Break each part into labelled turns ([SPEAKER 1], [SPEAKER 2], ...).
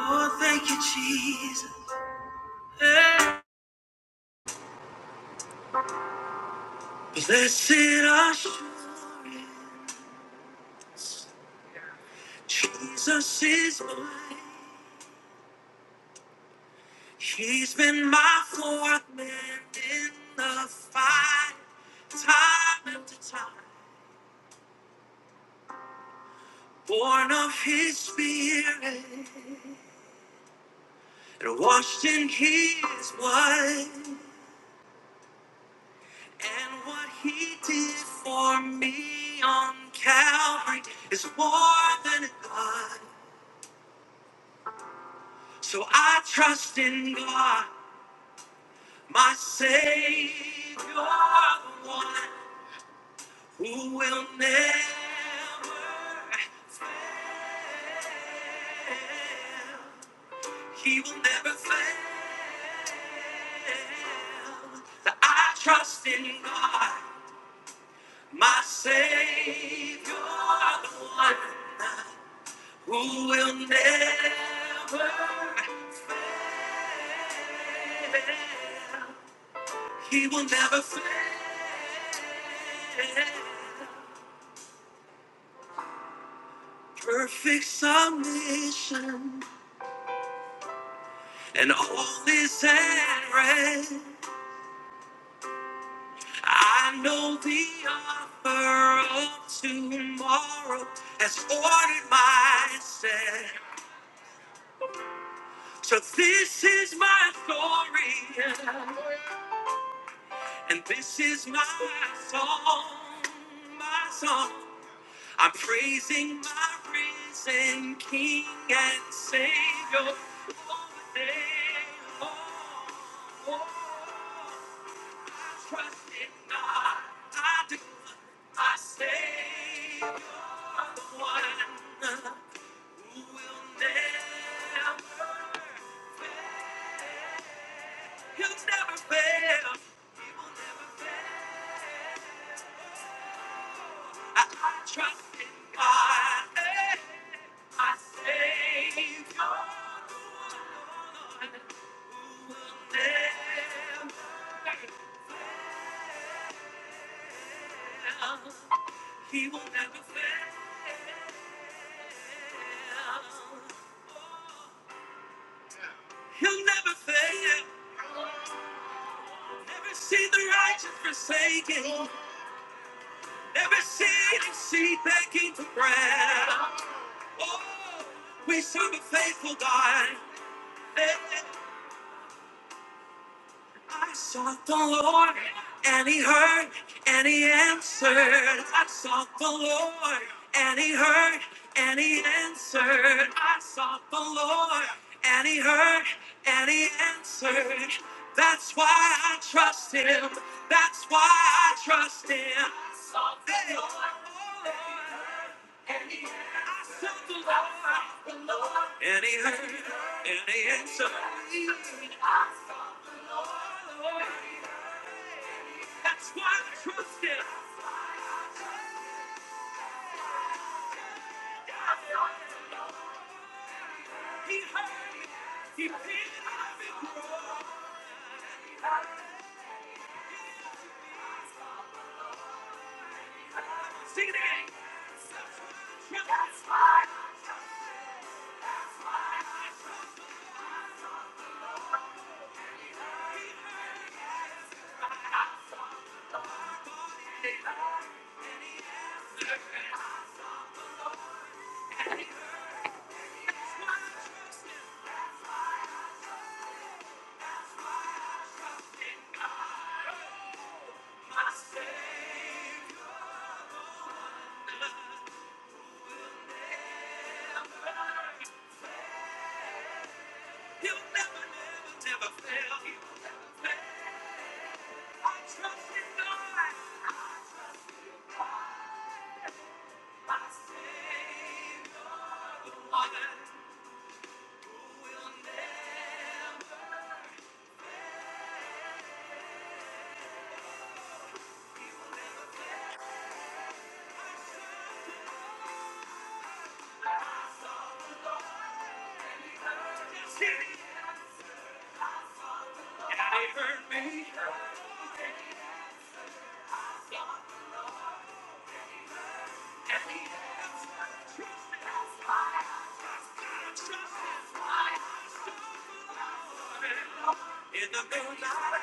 [SPEAKER 1] Oh, thank you, Jesus. Blessed assurance, Jesus is mine. He's been my fourth man in the fight, time after time. Born of His Spirit and washed in His blood, and what He did for me on Calvary is more than enough. So I trust in God. My Savior, the one who will never fail. He will never fail. That I trust in God, my Savior, the one who will never fail. He will never fail. Perfect submission and all is at rest. I know the offer of tomorrow has ordered my step. So this is my story and this is my song, my song. I'm praising my risen King and Savior all the day long. Trust in God, I do. I say you're the one who will never, he'll never fail. He will never fail. I, I trust in God. eh. I say you're the one who will never fail. He will never fail. He'll never fail. Never see the righteous forsaken. Never see His seed begging for bread. Oh, we serve a faithful God. I sought the Lord, and He heard, and He answered. I sought the Lord, and He heard, and He answered. I sought the Lord, and He heard, and He answered. That's why I trust Him. That's why I trust Him. I sought the Hey. Lord, and He heard. and He answered. I sought the Lord, and He heard, and He answered. That's why I trust him. He heard me. He paid it on the cross. Sing it again. That's why I saved. He'll never, never, never fail you. I trust in God, my Savior, the one who will never fail. And he heard me, and he answered. I trust in the middle of the night,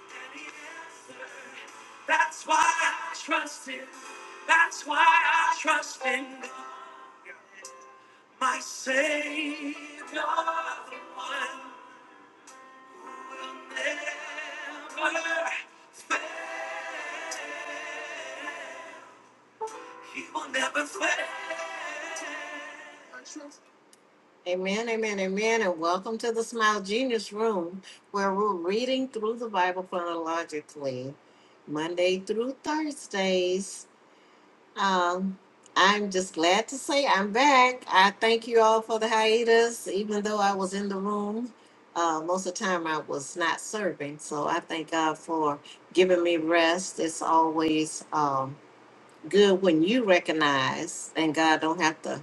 [SPEAKER 1] and he answered. That's why I trust him. That's why I trust in my Savior, the one never fail. He will never fail. Amen, amen, amen, and welcome to the Smile Genius Room, where we're reading through the Bible chronologically, Monday through Thursdays. Um, I'm just glad to say I'm back. I thank you all for the hiatus, even though I was in the room. Uh, most of the time I was not serving, so I thank God for giving me rest. It's always um, good when you recognize, and God don't have to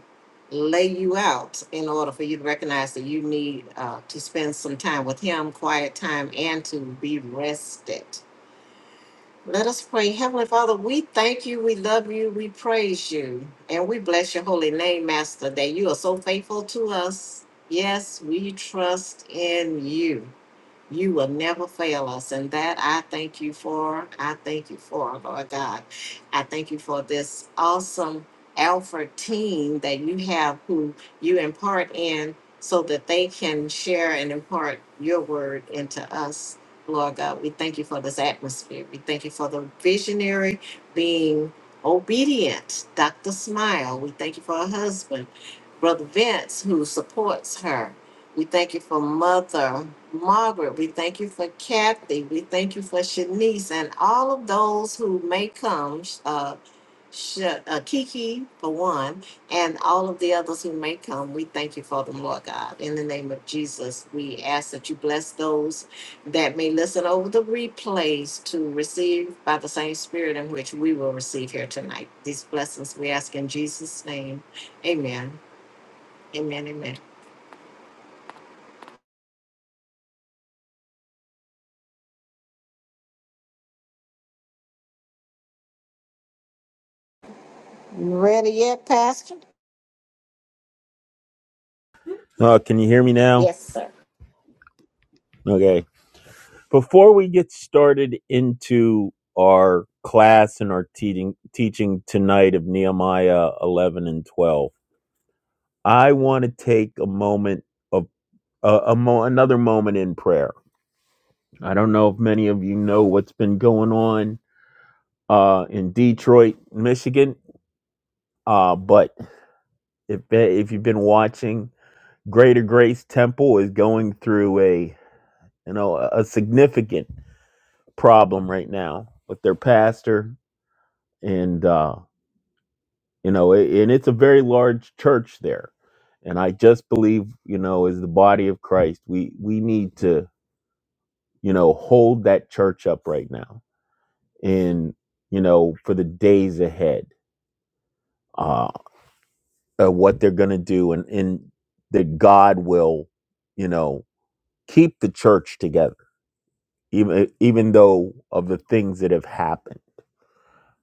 [SPEAKER 1] lay you out in order for you to recognize that you need uh, to spend some time with Him, quiet time, and to be rested. Let us pray. Heavenly Father, we thank you, we love you, we praise you, and we bless your holy name, Master, that you are so faithful to us. Yes, we trust in you. You will never fail us. And that I thank you for. I thank you for, Lord God. I thank you for this awesome Alpha team that you have who you impart in so that they can share and impart your word into us. Lord God, we thank you for this atmosphere. We thank you for the visionary being obedient. Dr. Smile, we thank you for her husband, Brother Vince, who supports her. We thank you for Mother Margaret. We thank you for Kathy. We thank you for Shanice and all of those who may come. Uh, Sh- uh, Kiki, for one, and all of the others who may come. We thank you for them, Lord God. In the name of Jesus, we ask that you bless those that may listen over the replays to receive by the same Spirit in which we will receive here tonight. These blessings we ask in Jesus' name. Amen. Amen. Amen. You ready yet, Pastor?
[SPEAKER 2] Uh, can you hear me now?
[SPEAKER 1] Yes, sir.
[SPEAKER 2] Okay. Before we get started into our class and our teaching teaching tonight of Nehemiah 11 and 12, I want to take a moment of uh, a mo- another moment in prayer. I don't know if many of you know what's been going on uh, in Detroit, Michigan, uh, but if if you've been watching, Greater Grace Temple is going through a you know a a significant problem right now with their pastor and uh you know a- and it's a very large church there and i just believe you know as the body of christ we we need to you know hold that church up right now and you know for the days ahead uh of what they're going to do and and that god will you know keep the church together even even though of the things that have happened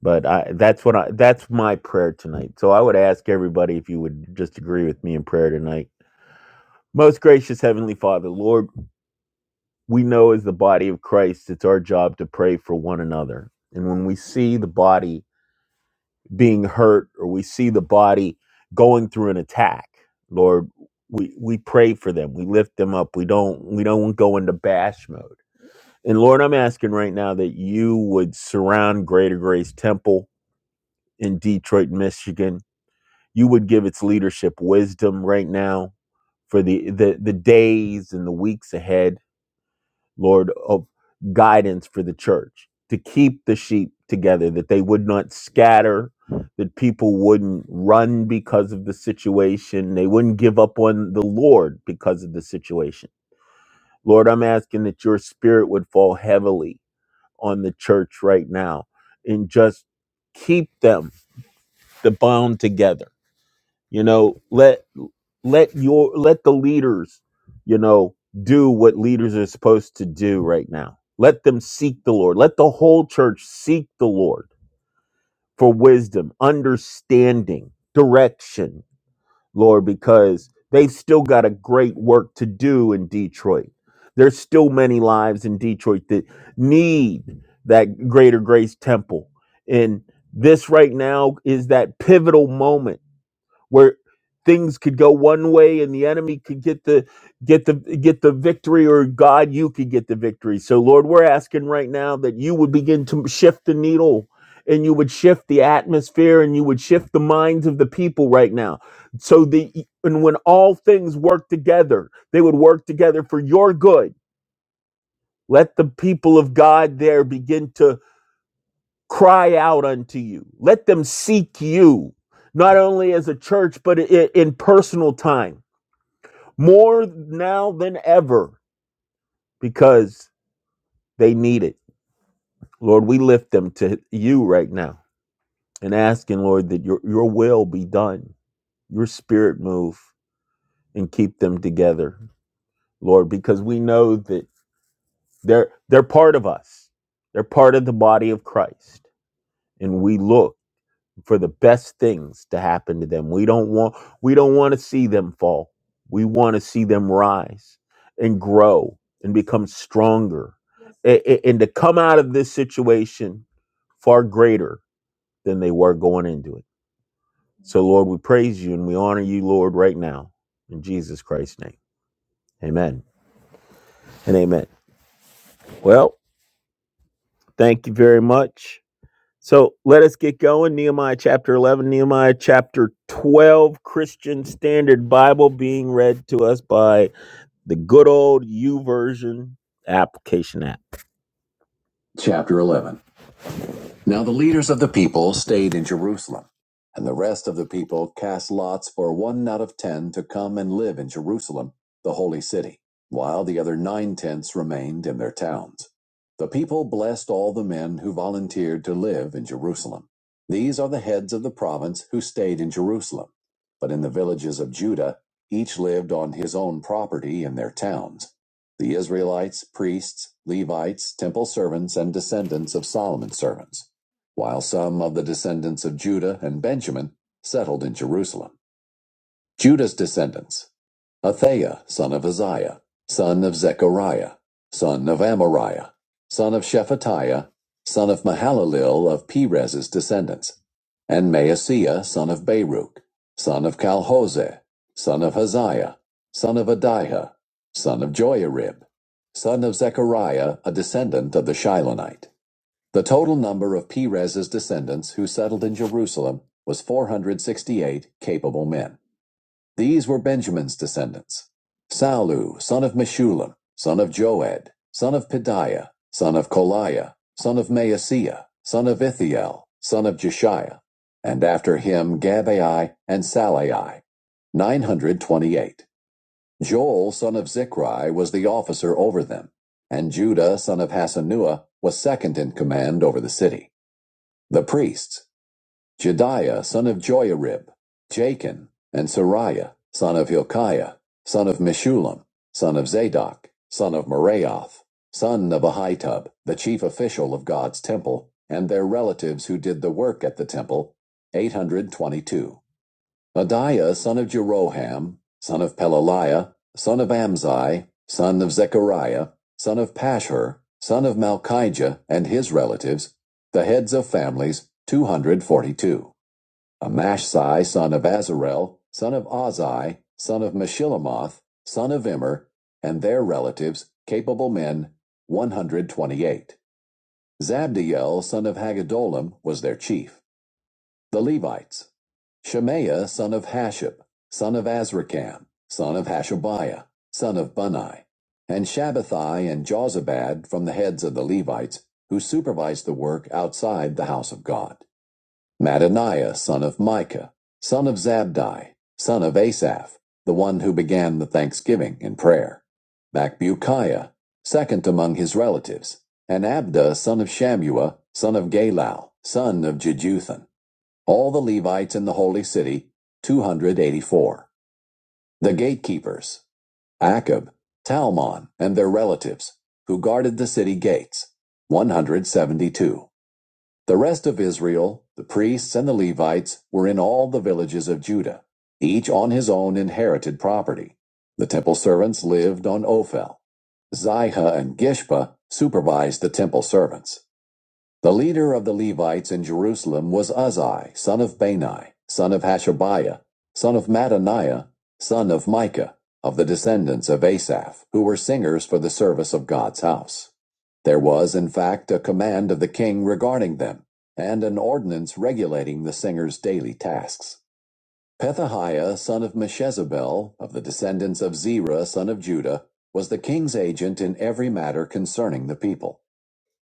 [SPEAKER 2] But I, that's what I, that's my prayer tonight. So I would ask everybody if you would just agree with me in prayer tonight. Most gracious Heavenly Father, Lord, we know as the body of Christ, it's our job to pray for one another. And when we see the body being hurt or we see the body going through an attack, Lord, we, we pray for them. We lift them up. We don't we don't go into bash mode. And Lord, I'm asking right now that you would surround Greater Grace Temple in Detroit, Michigan you would give its leadership wisdom right now for the the, the days and the weeks ahead lord of guidance for the church to keep the sheep together that they would not scatter that people wouldn't run because of the situation they wouldn't give up on the lord because of the situation lord i'm asking that your spirit would fall heavily on the church right now and just keep them the bound together you know let let your let the leaders you know do what leaders are supposed to do right now let them seek the lord let the whole church seek the lord for wisdom understanding direction lord because they've still got a great work to do in detroit there's still many lives in detroit that need that greater grace temple and this right now is that pivotal moment where things could go one way and the enemy could get the get the get the victory or god you could get the victory so lord we're asking right now that you would begin to shift the needle and you would shift the atmosphere and you would shift the minds of the people right now so the and when all things work together they would work together for your good let the people of god there begin to cry out unto you. Let them seek you, not only as a church, but in, in personal time, more now than ever, because they need it. Lord, we lift them to you right now and asking, Lord, that your, your will be done, your spirit move and keep them together, Lord, because we know that they're, they're part of us. They're part of the body of Christ. And we look for the best things to happen to them. We don't want we don't want to see them fall. We want to see them rise and grow and become stronger a- a- and to come out of this situation far greater than they were going into it. So Lord, we praise you and we honor you, Lord, right now in Jesus Christ's name. Amen. And amen. Well, thank you very much. So let us get going. Nehemiah chapter 11, Nehemiah chapter 12, Christian Standard Bible being read to us by the good old U Version application app. Chapter 11. Now the leaders of the people stayed in Jerusalem, and the rest of the people cast lots for one out of ten to come and live in Jerusalem, the holy city, while the other nine tenths remained in their towns. The people blessed all the men who volunteered to live in Jerusalem. These are the heads of the province who stayed in Jerusalem. But in the villages of Judah, each lived on his own property in their towns. The Israelites, priests, Levites, temple servants, and descendants of Solomon's servants while some of the descendants of Judah and Benjamin settled in Jerusalem. Judah's descendants Athaiah, son of Uzziah, son of Zechariah, son of Amariah, son of Shephatiah, son of Mahalalel of Perez's descendants, and Maaseiah, son of Baruch, son of Calhose, son of Haziah, son of Adiah, son of Joiarib, son of Zechariah, a descendant of the Shilonite. The total number of Perez's descendants who settled in Jerusalem was 468 capable men. These were Benjamin's descendants. Salu, son of Meshulam, son of Joed, son of Pedaiah, son of Koliah, son of Maaseiah, son of Ithiel, son of Jeshiah, and after him Gabai and Salai, 928. Joel, son of Zichri, was the officer over them, and Judah, son of Hasanua, was second in command over the city. The priests, Jediah son of Joiarib, Jachin, and Sariah son of Hilkiah, son of Meshulam, son of Zadok, son of Meraioth, son of Ahitub, the chief official of God's temple, and their relatives who did the work at the temple, 822. Adiah son of Jeroham, son of Pelaliah, son of Amzai, son of Zechariah, son of Pashur, son of Malchijah, and his relatives, the heads of families, 242. Amashsai son of Azarel, son of Ozai, son of Meshillamoth, son of Immer, and their relatives, capable men, 128. Zabdiel son of Hagadolam was their chief. The Levites, Shemaiah son of Hashab, son of Azrikam, son of Hashabiah, son of Bunai, and Shabbathai and Jozabad from the heads of the Levites, who supervised the work outside the house of God. Mattaniah son of Micah, son of Zabdi, son of Asaph, the one who began the thanksgiving and prayer. Macbukiah, second among his relatives, and Abda son of Shamua, son of Galal, son of Jeduthun all the Levites in the holy city, 284. The gatekeepers, Akab, Talmon, and their relatives, who guarded the city gates, 172. The rest of Israel, the priests and the Levites, were in all the villages of Judah, each on his own inherited property. The temple servants lived on Ophel. Zihah and Gishpa supervised the temple servants. The leader of the Levites in Jerusalem was Uzzi, son of Bani, son of Hashabiah, son of Mattaniah, son of Micah, of the descendants of Asaph, who were singers for the service of God's house. There was, in fact, a command of the king regarding them, and an ordinance regulating the singers' daily tasks. Pethahiah, son of Meshezabel, of the descendants of Zerah, son of Judah, was the king's agent in every matter concerning the people.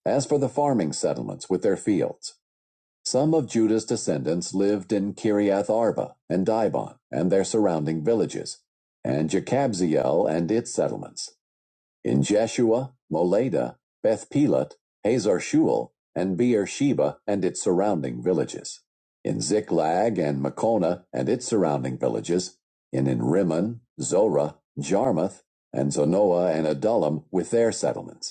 [SPEAKER 2] As for the farming settlements with their fields, some of Judah's descendants lived in Kiriath Arba and Dibon and their surrounding villages, and Jekabziel and its settlements, in Jeshua, Moleda, Beth Pelet, Hazar Shul, and Beersheba and its surrounding villages, in Ziklag and Makona and its surrounding villages, and in Rimmon, Zorah, Jarmuth, and Zonoah and Adullam with their settlements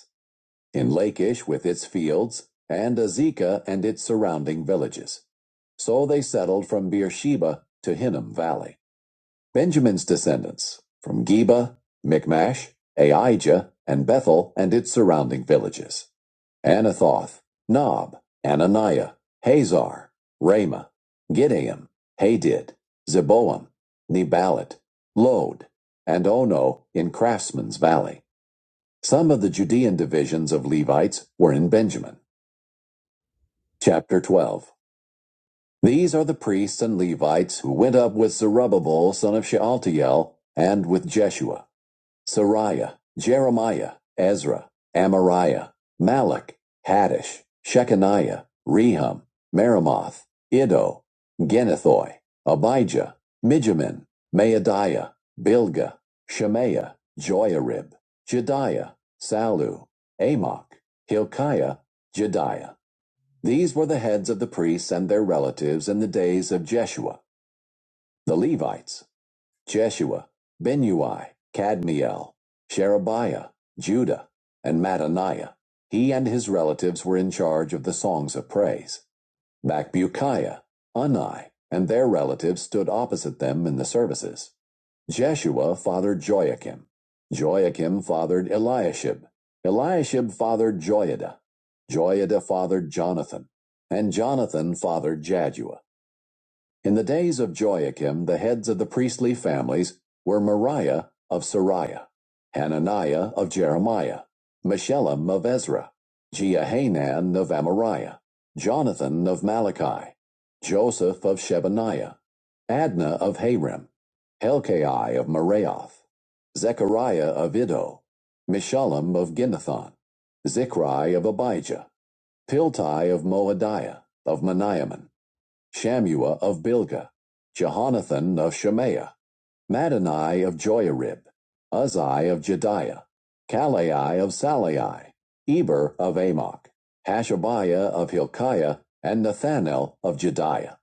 [SPEAKER 2] in Lake Ish with its fields, and Azekah and its surrounding villages. So they settled from Beersheba to Hinnom Valley. Benjamin's descendants from Geba, Michmash, Aijah, and Bethel and its surrounding villages. Anathoth, Nob, Ananiah, Hazar, Ramah, Gideam, Hadid, Zeboam, Nebalat, Lod, and Ono in Craftsman's Valley. Some of the Judean divisions of Levites were in Benjamin. Chapter 12. These are the priests and Levites who went up with Zerubbabel son of Shealtiel and with Jeshua. Sariah, Jeremiah, Ezra, Amariah, Malach, Haddish, Shechaniah, Rehum, Meremoth, Iddo, Genethoi, Abijah, Mijamin, Maadiah, Bilgah, Shemaiah, Joiarib, Jediah, Salu, Amok, Hilkiah, Jediah. These were the heads of the priests and their relatives in the days of Jeshua, the Levites, Jeshua, Benui, Cadmiel, Sherebiah, Judah, and Mattaniah. He and his relatives were in charge of the songs of praise. Bakbukiah, Unai, and their relatives stood opposite them in the services. Jeshua fathered Joachim. Joachim fathered Eliashib. Eliashib fathered Joiada. Joiada fathered Jonathan. And Jonathan fathered Jadua. In the days of Joachim, the heads of the priestly families were Moriah of Sariah, Hananiah of Jeremiah, Meshullam of Ezra, Jehanan of Amariah, Jonathan of Malachi, Joseph of Shebaniah, Adna of Harim, Helkai of Meraioth, Zechariah of Iddo, Mishullam of Ginnathon, Zichri of Abijah, Piltai of Moadiah, of Meniaman, Shammua of Bilgah, Jehonathan of Shemaiah, Madani of Joiarib, Uzzi of Jediah, Kalai of Salai, Eber of Amok, Hashabiah of Hilkiah, and Nathanael of Jediah.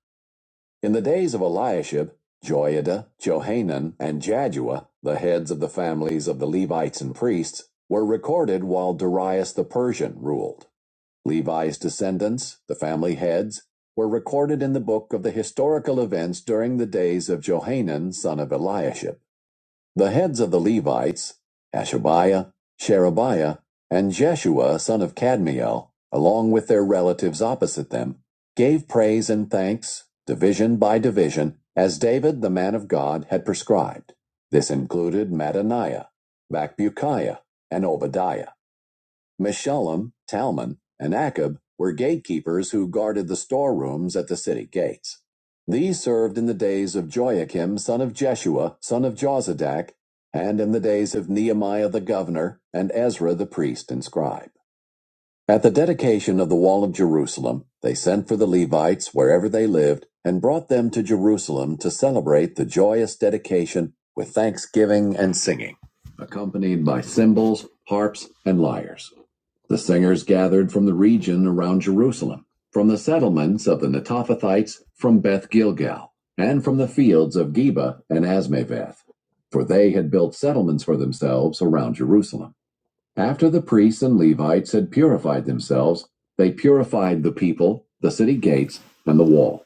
[SPEAKER 2] In the days of Eliashib, Joiada, Johanan, and Jadua, the heads of the families of the Levites and priests, were recorded while Darius the Persian ruled. Levi's descendants, the family heads, were recorded in the book of the historical events during the days of Johanan son of Eliashib. The heads of the Levites, Hashabiah, Sherebiah, and Jeshua son of Cadmiel, along with their relatives opposite them, gave praise and thanks, division by division, as David the man of God had prescribed. This included Mattaniah, Macbukiah, and Obadiah. Meshullam, Talmon, and Akab were gatekeepers who guarded the storerooms at the city gates. These served in the days of Joachim, son of Jeshua, son of Jozadak, and in the days of Nehemiah the governor and Ezra the priest and scribe. At the dedication of the wall of Jerusalem, they sent for the Levites wherever they lived and brought them to Jerusalem to celebrate the joyous dedication with thanksgiving and singing, accompanied by cymbals, harps, and lyres. The singers gathered from the region around Jerusalem, from the settlements of the Netophathites, from Beth Gilgal, and from the fields of Geba and Asmaveth, for they had built settlements for themselves around Jerusalem. After the priests and Levites had purified themselves, they purified the people, the city gates, and the wall.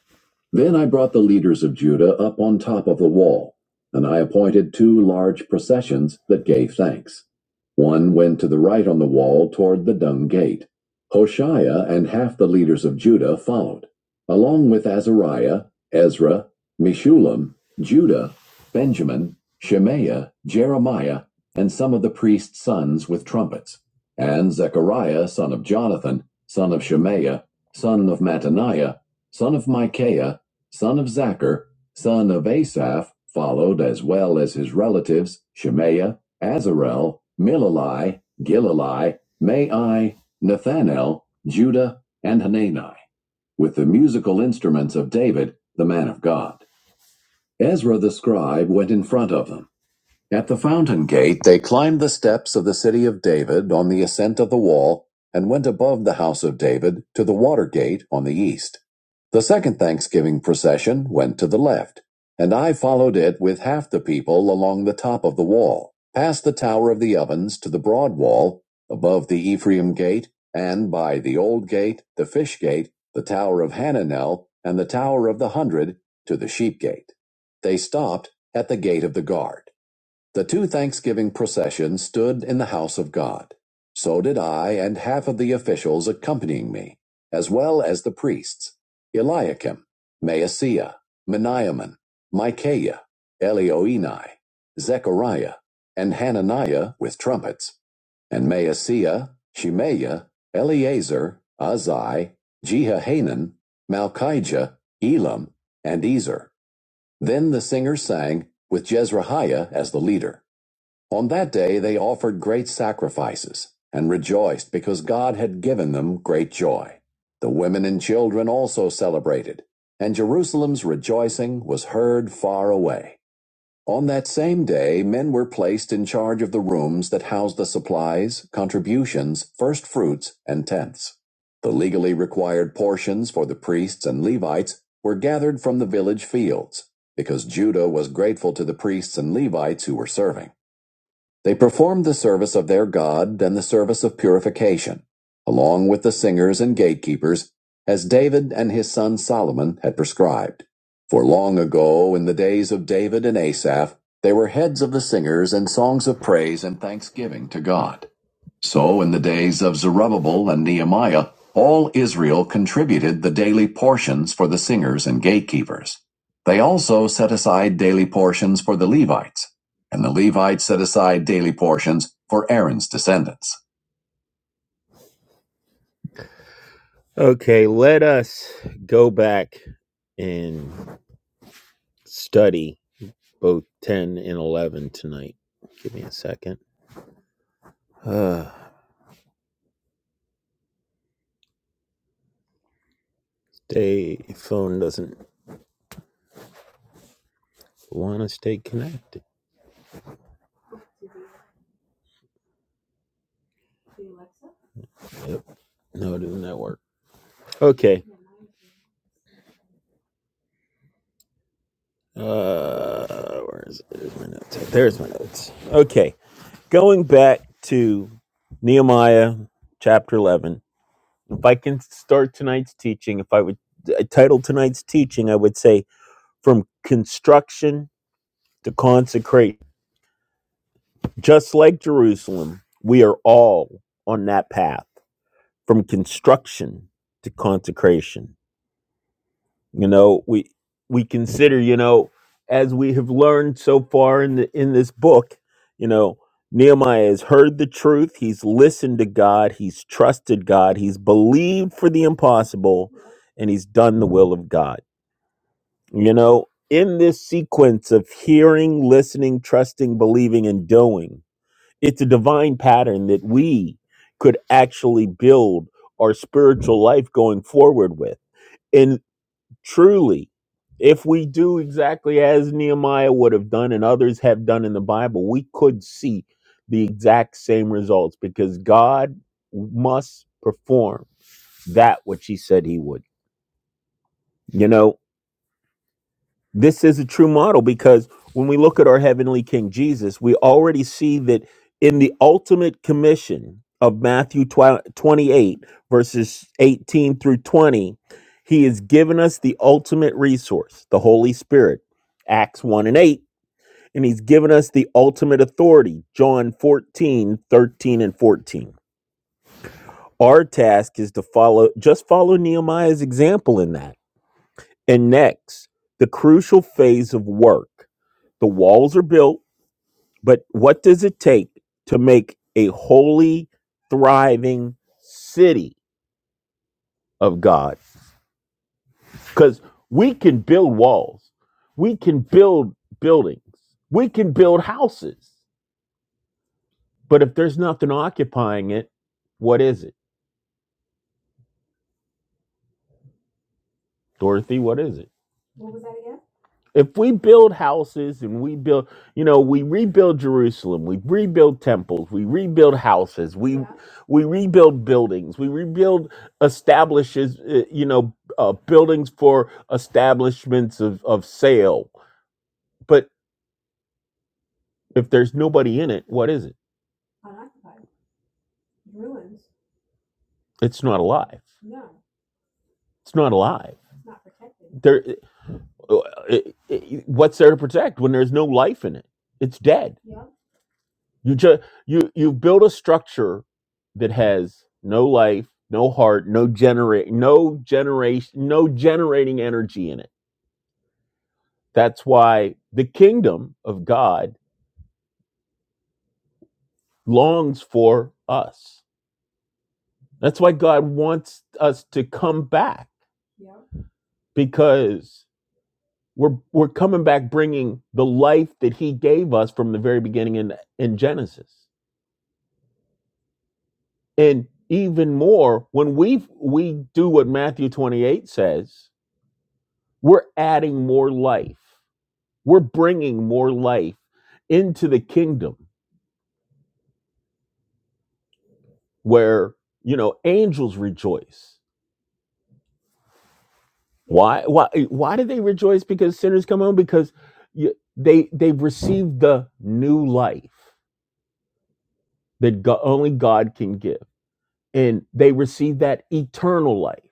[SPEAKER 2] Then I brought the leaders of Judah up on top of the wall, and I appointed two large processions that gave thanks. One went to the right on the wall toward the dung gate. Hoshea and half the leaders of Judah followed, along with Azariah, Ezra, Meshulam, Judah, Benjamin, Shemaiah, Jeremiah, and some of the priest's sons with trumpets, and Zechariah, son of Jonathan, son of Shemaiah, son of Mattaniah, son of Micaiah, son of Zachar, son of Asaph, followed as well as his relatives Shemaiah, Azarel, Milalai, Gilalai, Mai, Nathanael, Judah, and Hanani, with the musical instruments of David, the man of God. Ezra the scribe went in front of them at the fountain gate, they climbed the steps of the city of David on the ascent of the wall, and went above the house of David to the water gate on the east. The second Thanksgiving procession went to the left, and I followed it with half the people along the top of the wall, past the Tower of the Ovens to the broad wall, above the Ephraim gate, and by the old gate, the fish gate, the Tower of Hananel, and the Tower of the Hundred to the sheep gate. They stopped at the gate of the guard. The two Thanksgiving processions stood in the house of God. So did I and half of the officials accompanying me, as well as the priests Eliakim, Maaseiah, Meniamin, Micaiah, Elioenai, Zechariah, and Hananiah with trumpets, and Maaseiah, Shemaiah, Eleazar, Azai, Jehohanan, Malchijah, Elam, and Ezer. Then the singers sang, with Jezreiah as the leader. On that day they offered great sacrifices and rejoiced because God had given them great joy. The women and children also celebrated, and Jerusalem's rejoicing was heard far away. On that same day, men were placed in charge of the rooms that housed the supplies, contributions, first fruits, and tenths. The legally required portions for the priests and Levites were gathered from the village fields, because Judah was grateful to the priests and Levites who were serving. They performed the service of their God and the service of purification, along with the singers and gatekeepers, as David and his son Solomon had prescribed. For long ago, in the days of David and Asaph, they were heads of the singers and songs of praise and thanksgiving to God. So in the days of Zerubbabel and Nehemiah, all Israel contributed the daily portions for the singers and gatekeepers. They also set aside daily portions for the Levites, and the Levites set aside daily portions for Aaron's descendants. Okay, let us go back and study both 10 and 11 tonight. Give me a second. Uh, stay, phone doesn't want to stay connected. Yep, no, it doesn't that work? Okay. Uh, where is it? There's my notes. There's my notes. Okay. Going back to Nehemiah chapter 11. If I can start tonight's teaching, if I would I title tonight's teaching, I would say From Construction to Consecrate. Just like Jerusalem, we are all on that path from construction to consecration. you know we we consider you know as we have learned so far in the, in this book you know Nehemiah has heard the truth he's listened to God he's trusted God he's believed for the impossible and he's done the will of God you know in this sequence of hearing listening trusting believing and doing it's a divine pattern that we could actually build our spiritual life going forward with Truly, if we do exactly as Nehemiah would have done and others have done in the Bible, we could see the exact same results because God must perform that which he said he would. You know, This is a true model because when we look at our heavenly King Jesus, we already see that in the ultimate commission of Matthew twi- 28, verses 18 through 20, he has given us the ultimate resource, the Holy Spirit, Acts 1 and 8. And he's given us the ultimate authority, John 14 13 and 14. Our task is to follow, just follow Nehemiah's example in that. And next, the crucial phase of work. The walls are built, but what does it take to make a holy, thriving city of God? Because we can build walls, we can build buildings, we can build houses, but if there's nothing occupying it, what is it, Dorothy? What is it? If we build houses and we build, you know, we rebuild Jerusalem, we rebuild temples, we rebuild houses, we rebuild buildings we rebuild establishes uh, you know uh, buildings for establishments of, of sale but if there's nobody in it what is it it's not alive it's not alive there uh, uh, uh, uh, what's there to protect when there's no life in it it's dead you just you you build a structure that has no life no heart no generate no generation no generating energy in it that's why the kingdom of god longs for us. That's why God wants us to come back because we're we're coming back bringing the life that he gave us from the very beginning in in Genesis. And even more when we we do what Matthew 28 says, we're adding more life. We're bringing more life into the kingdom where, you know, angels rejoice Why? Why? Why do they rejoice because sinners come home? Because you, they they've received the new life that God, only God can give, and they receive that eternal life,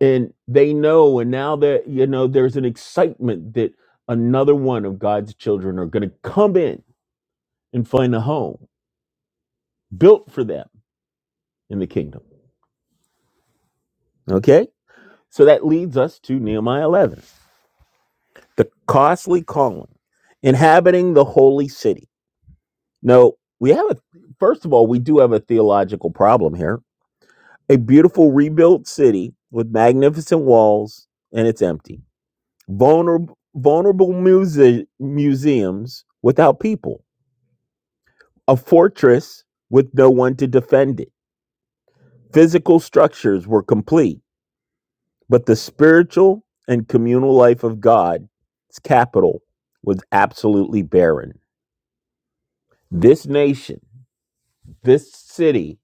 [SPEAKER 2] and they know, and now that you know, there's an excitement that another one of God's children are going to come in and find a home built for them in the kingdom. Okay, so that leads us to Nehemiah 11, the costly calling, inhabiting the holy city. No, we have a first of all, we do have a theological problem here. A beautiful rebuilt city with magnificent walls and it's empty. Vulnerable vulnerable muse- museums without people. A fortress with no one to defend it. Physical structures were complete, but the spiritual and communal life of God's capital was absolutely barren. This nation, this city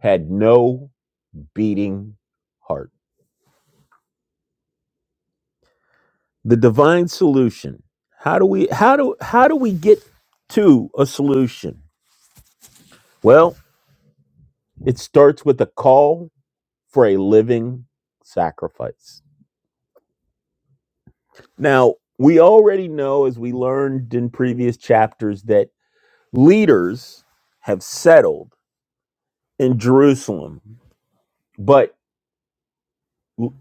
[SPEAKER 2] had no beating heart. the divine solution how do we how do how do we get to a solution well it starts with a call for a living sacrifice now we already know as we learned in previous chapters that leaders have settled in Jerusalem but l-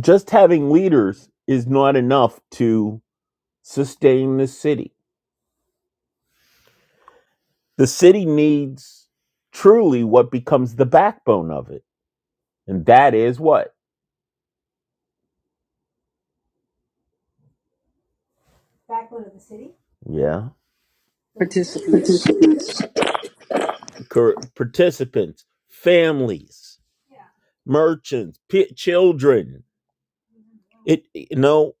[SPEAKER 2] just having leaders is not enough to sustain the city the city needs truly what becomes the backbone of it And that is what? Yeah.
[SPEAKER 3] participants.
[SPEAKER 2] Cor- participants, families, merchants, pi- children. It, you know,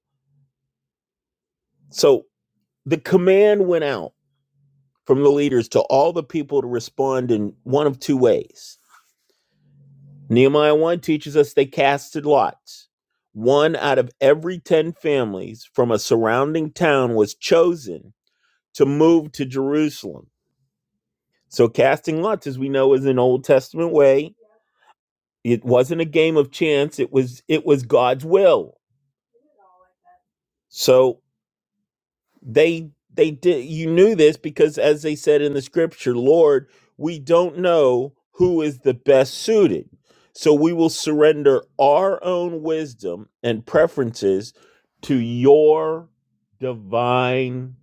[SPEAKER 2] so the command went out from the leaders to all the people to respond in one of two ways. Nehemiah 1 teaches us they casted lots. One out of every 10 families from a surrounding town was chosen to move to Jerusalem. So casting lots, as we know, is an Old Testament way It wasn't a game of chance. It was it was God's will. So they they did you knew this because as they said in the scripture lord we don't know who is the best suited so we will surrender our own wisdom and preferences to your divine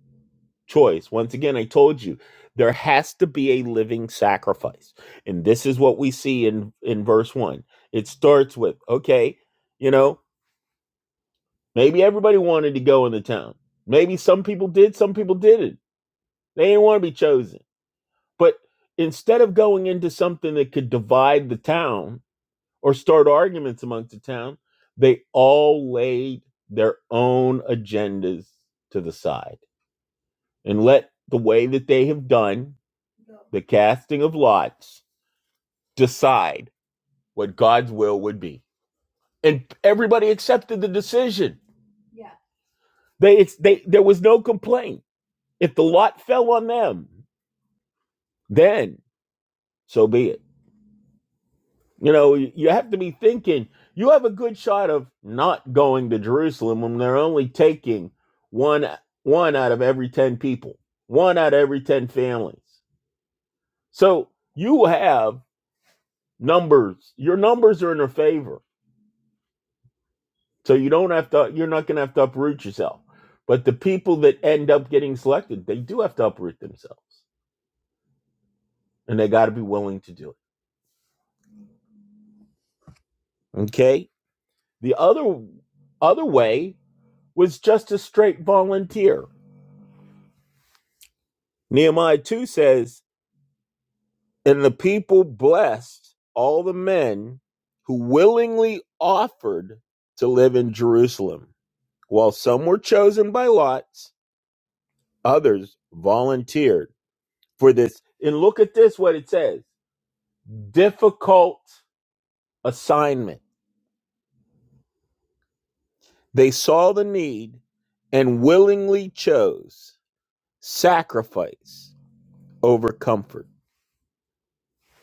[SPEAKER 2] choice once again i told you there has to be a living sacrifice and this is what we see in in verse 1 it starts with okay you know maybe everybody wanted to go in the town maybe some people did some people didn't they didn't want to be chosen. But instead of going into something that could divide the town or start arguments amongst the town, they all laid their own agendas to the side and let the way that they have done the casting of lots decide what God's will would be. And everybody accepted the decision. They, they, there was no complaint. If the lot fell on them, then so be it You know, you have to be thinking you have a good shot of not going to Jerusalem when they're only taking one one out of every 10 people, one out of every 10 families. So you have numbers. Your numbers are in their favor. So you don't have to you're not going to have to uproot yourself. But the people that end up getting selected, they do have to uproot themselves and they got to be willing to do it. Okay? The other other way was just a straight volunteer Nehemiah 2 says, And the people blessed all the men who willingly offered to live in Jerusalem, while some were chosen by lots, others volunteered for this. And look at this, what it says difficult assignment. They saw the need and willingly chose sacrifice over comfort.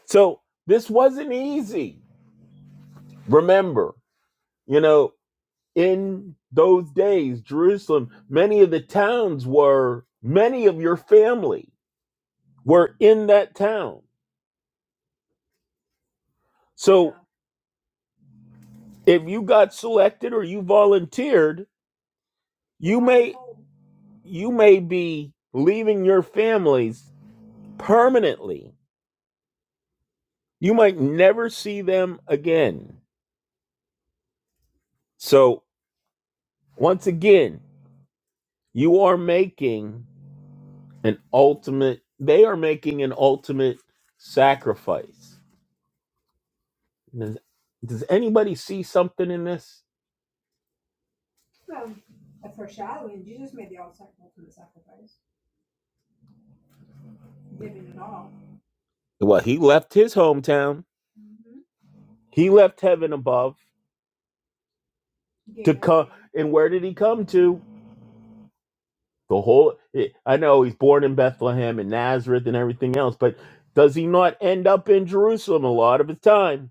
[SPEAKER 2] So this wasn't easy. Remember, you know, in those days, Jerusalem, many of the towns were, many of your family were in that town. So if you got selected or you volunteered, you you may be leaving your families permanently. You might never see them again. So once again, you are making an ultimate they are making an ultimate sacrifice. Does, does anybody see something in this? Well, he left his hometown. He left heaven above. Uh, and where did he come to? The whole. eh, I know he's born in Bethlehem and Nazareth and everything else, but does he not end up in Jerusalem a lot of his time?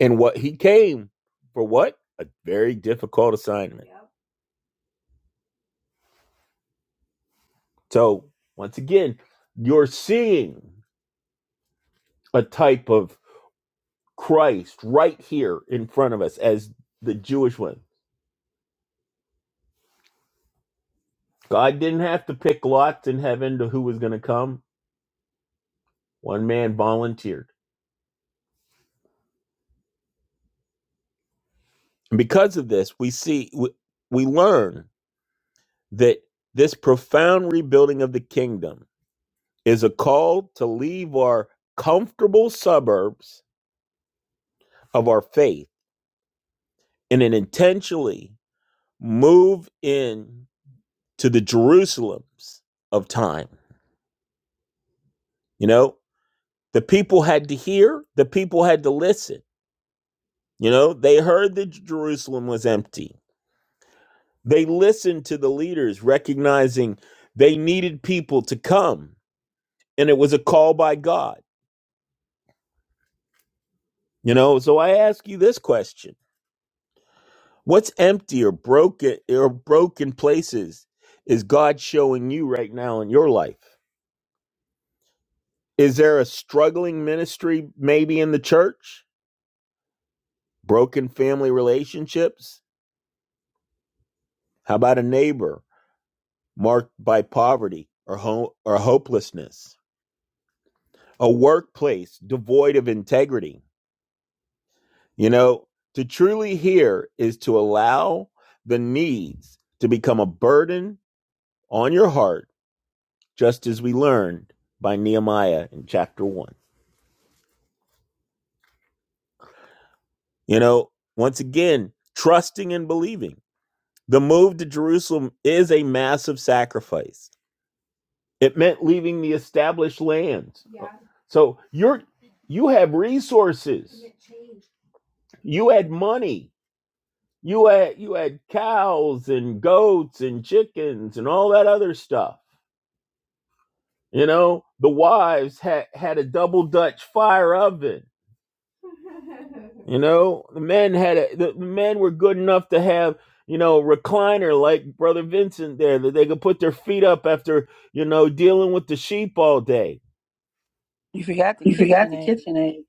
[SPEAKER 2] And what he came for? What a very difficult assignment. So once again, you're seeing a type of Christ right here in front of us as the Jewish one. God didn't have to pick lots in heaven to who was going to come One man volunteered. And because of this, we see we, we learn that this profound rebuilding of the kingdom is a call to leave our comfortable suburbs of our faith and then intentionally move in to the Jerusalems of time. You know, the people had to hear, the people had to listen. You know, they heard that Jerusalem was empty. They listened to the leaders, recognizing they needed people to come, and it was a call by God. You know, so I ask you this question: What's empty or broken or broken places is God showing you right now in your life? Is there a struggling ministry maybe in the church? Broken family relationships? How about a neighbor marked by poverty or ho- or hopelessness? A workplace devoid of integrity? You know, to truly hear is to allow the needs to become a burden on your heart, just as we learned by Nehemiah in chapter 1. You know, once again, trusting and believing. The move to Jerusalem is a massive sacrifice. It meant leaving the established lands. So you're you have resources. You had money. You had you had cows and goats and chickens and all that other stuff You know, the wives had had a double Dutch fire oven. You know, the men had a, the, men were good enough to have you know recliner like brother Vincent there that they could put their feet up after you know dealing with the sheep all day.
[SPEAKER 3] You forgot the
[SPEAKER 2] You forgot the
[SPEAKER 3] KitchenAid.
[SPEAKER 2] kitchen aid.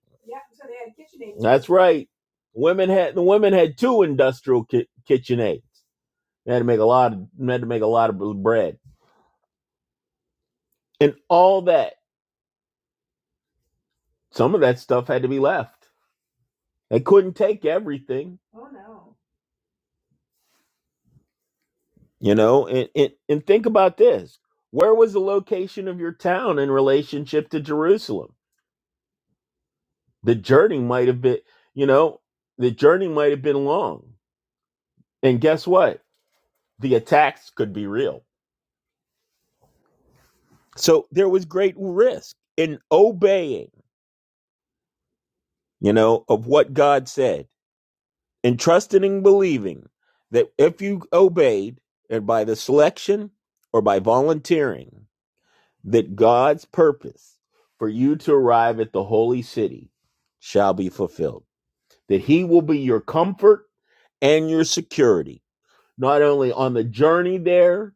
[SPEAKER 2] Right. Women had the women had two industrial ki- kitchen aids. They had to make a lot of they had to make a lot of bread and all that. Some of that stuff had to be left. They couldn't take everything You know, and, and, and think about this. Where was the location of your town in relationship to Jerusalem? The journey might have been, you know, the journey might have been long. And guess what? The attacks could be real. So there was great risk in obeying, you know, of what God said and trusting and believing that if you obeyed and by the selection or by volunteering, that God's purpose for you to arrive at the holy city shall be fulfilled, that He will be your comfort and your security, not only on the journey there,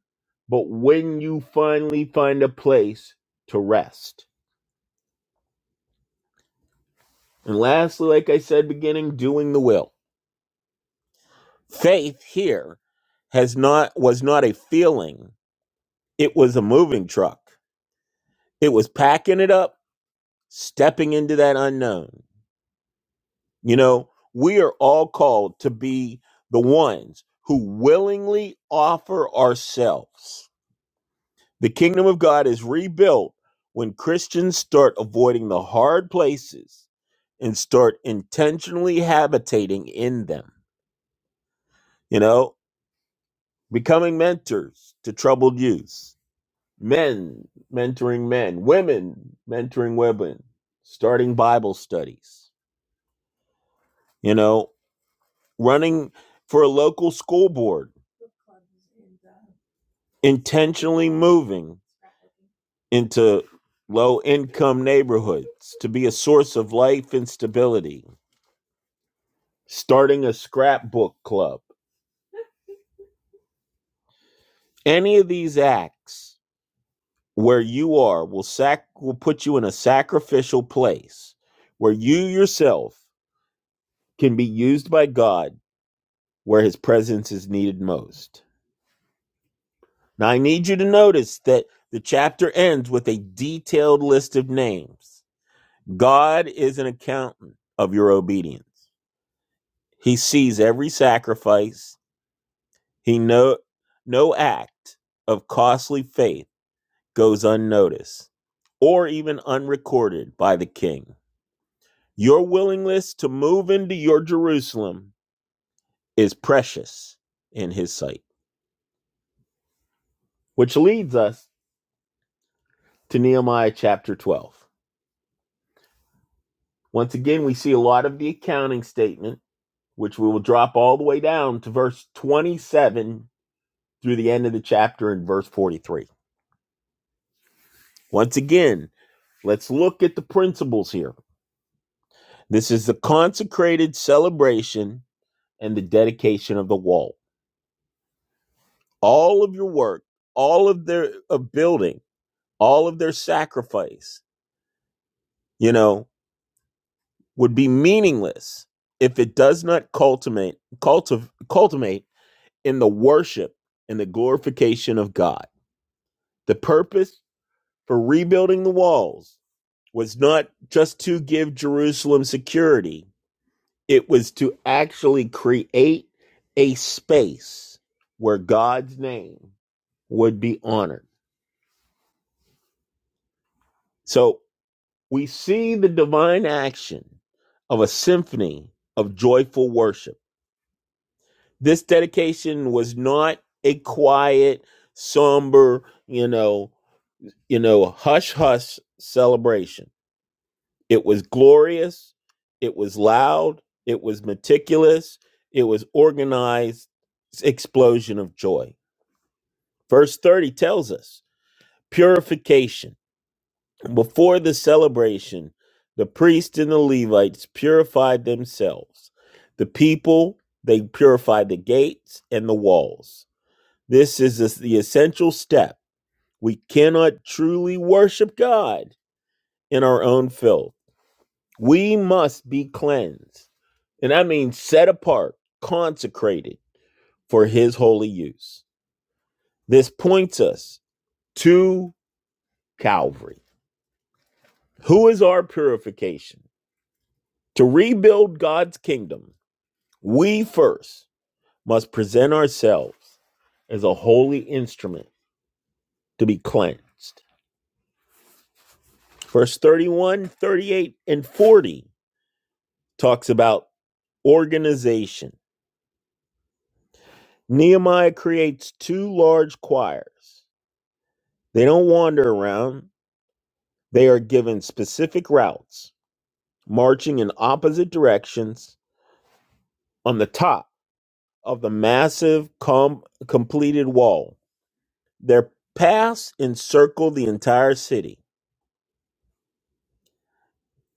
[SPEAKER 2] but when you finally find a place to rest. And lastly, like I said, beginning doing the will. Faith here has not was not a feeling, it was a moving truck. It was packing it up, stepping into that unknown You know, we are all called to be the ones who willingly offer ourselves. The kingdom of God is rebuilt when Christians start avoiding the hard places and start intentionally habitating in them. You know, becoming mentors to troubled youth, men mentoring men, women mentoring women, starting Bible studies, you know, running for a local school board into low income neighborhoods to be a source of life and stability, starting a scrapbook club. Any of these acts where you are will sac will put you in a sacrificial place where you yourself can be used by God where his presence is needed most. Now I need you to notice that the chapter ends with a detailed list of names. God is an accountant of your obedience. He sees every sacrifice. He no no act of costly faith goes unnoticed or even unrecorded by the king. Your willingness to move into your Jerusalem is precious in his sight. Which leads us to Nehemiah chapter 12. Once again, we see a lot of the accounting statement, which we will drop all the way down to verse 27 through the end of the chapter in verse 43. Once again, Let's look at the principles here. This is the consecrated celebration and the dedication of the wall. All of your work, all of their of building, all of their sacrifice, you know, would be meaningless if it does not cultivate cultiv- cultivate in the worship and the glorification of God. The purpose for rebuilding the walls was not just to give Jerusalem security, It was to actually create a space where God's name would be honored. So we see the divine action of a symphony of joyful worship. This dedication was not a quiet, somber, you know, you know, hush hush celebration. It was glorious, it was loud, it was meticulous, it was organized explosion of joy. Verse 30 tells us purification. Before the celebration, the priest and the Levites purified themselves. The people, they purified the gates and the walls. This is the the essential step. We cannot truly worship God in our own filth. We must be cleansed. And I mean set apart, consecrated for his holy use. This points us to Calvary. Who is our purification? To rebuild God's kingdom, we first must present ourselves as a holy instrument to be cleansed. Verse 31, 38, and 40 talks about organization. Nehemiah creates two large choirs. They don't wander around, they are given specific routes, marching in opposite directions on the top of the massive com- completed wall. Their paths encircle the entire city.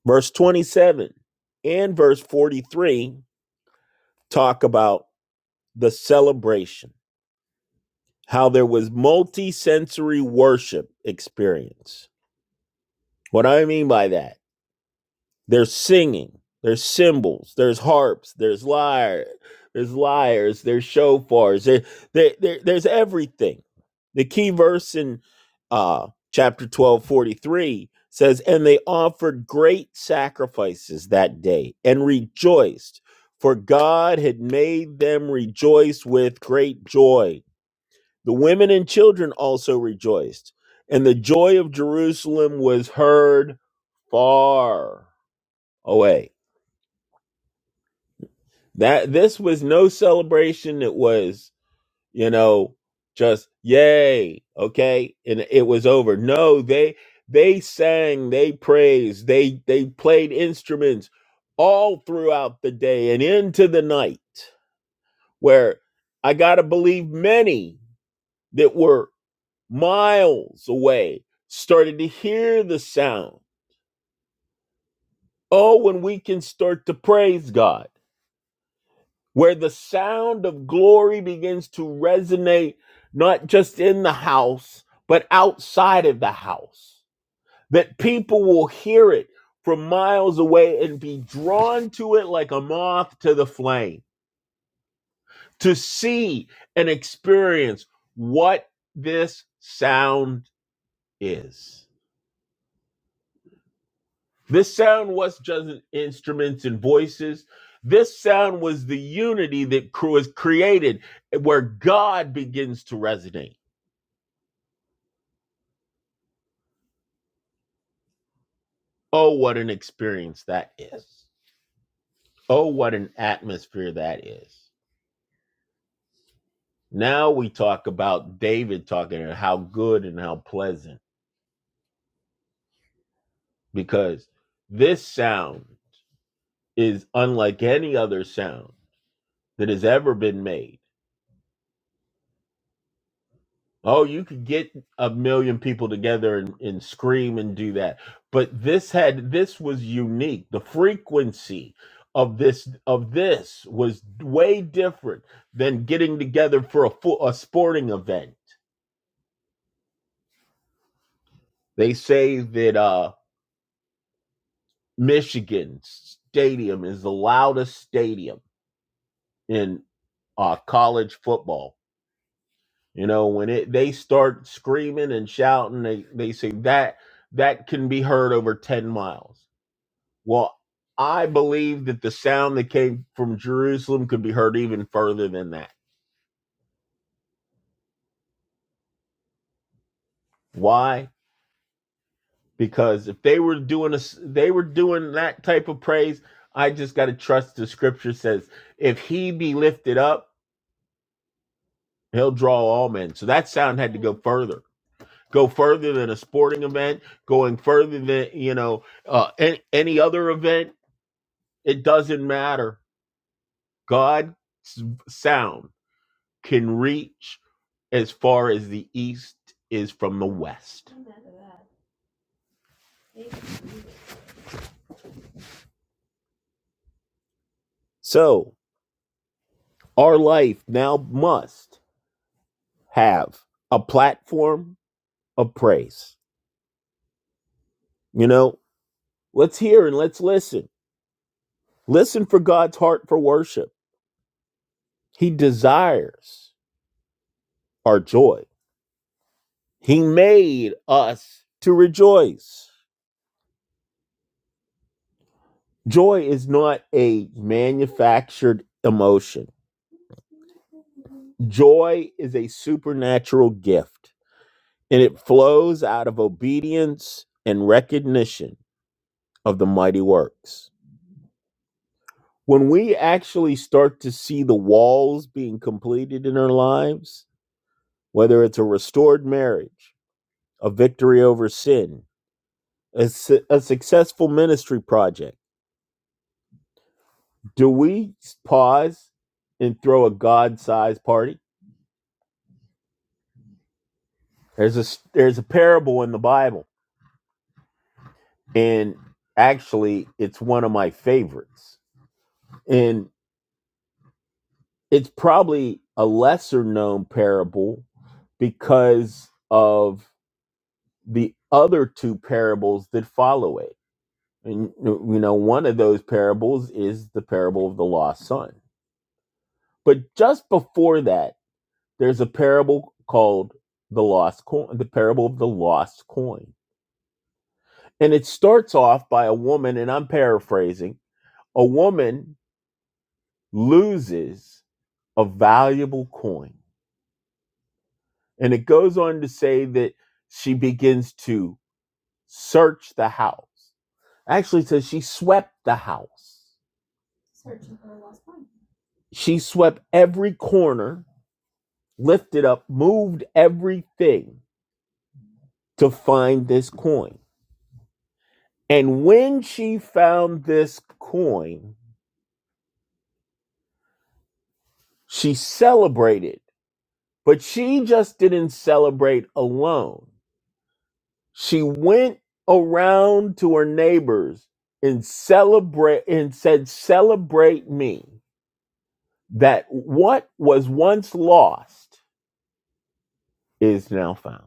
[SPEAKER 2] Verse 27 and verse 43 talk about the celebration, how there was multi sensory worship experience. What do I mean by that? There's singing, there's cymbals, there's harps, there's lyre, there's lyres, there's shofars, there, there, there- there's everything. The key verse in uh, chapter 12 43 says, And they offered great sacrifices that day and rejoiced, for God had made them rejoice with great joy. The women and children also rejoiced, and the joy of Jerusalem was heard far away. That this was no celebration. It was, you know, just yay, okay, and it was over. No, they they sang, they praised, they they played instruments all throughout the day and into the night. Where I gotta believe many that were miles away started to hear the sound. Oh, when we can start to praise God where the sound of glory begins to resonate not just in the house, but outside of the house. That people will hear it from miles away and be drawn to it like a moth to the flame to see and experience what this sound is. This sound was just instruments and voices. This sound was the unity that was created eh, where God begins to resonate Oh, what an experience that is. Oh, what an atmosphere that is. Now we talk about David talking and how good and how pleasant, because this sound is unlike any other sound that has ever been made. Oh, you could get a million people together and, and scream and do that. But this had this was unique. The frequency of this of this was way different than getting together for a full a sporting event They say that uh, Michigan Stadium is the loudest stadium in uh, college football. You know, when it they start screaming and shouting, they, they say that that can be heard over 10 miles. Well, I believe that the sound that came from Jerusalem could be heard even further than that. Why? Because if they were doing a, they were doing that type of praise, I just got to trust the scripture says, if he be lifted up, He'll draw all men. So that sound had to go further, go further than a sporting event, going further than you know uh, any, any other event. It doesn't matter. God's sound can reach as far as the east is from the west. So our life now must have a platform of praise. You know, let's hear and let's listen. Listen for God's heart for worship. He desires our joy. He made us to rejoice. Joy is not a manufactured emotion. Joy is a supernatural gift, and it flows out of obedience and recognition of the mighty works. When we actually start to see the walls being completed in our lives, whether it's a restored marriage, a victory over sin, a, su- a successful ministry project, Do we pause and throw a God-sized party? There's a there's a parable in the Bible, and actually, it's one of my favorites, and it's probably a lesser known parable because of the other two parables that follow it. And you know, one of those parables is the parable of the lost son. But just before that there's a parable called the lost coin the parable of the lost coin and it starts off by a woman and i'm paraphrasing a woman loses a valuable coin and it goes on to say that she begins to search the house actually it says she swept the house she swept every corner lifted up moved everything to find this coin and when she found this coin She celebrated, but she just didn't celebrate alone. She went around to her neighbors and celebrate and said, "Celebrate me that what was once lost is now found."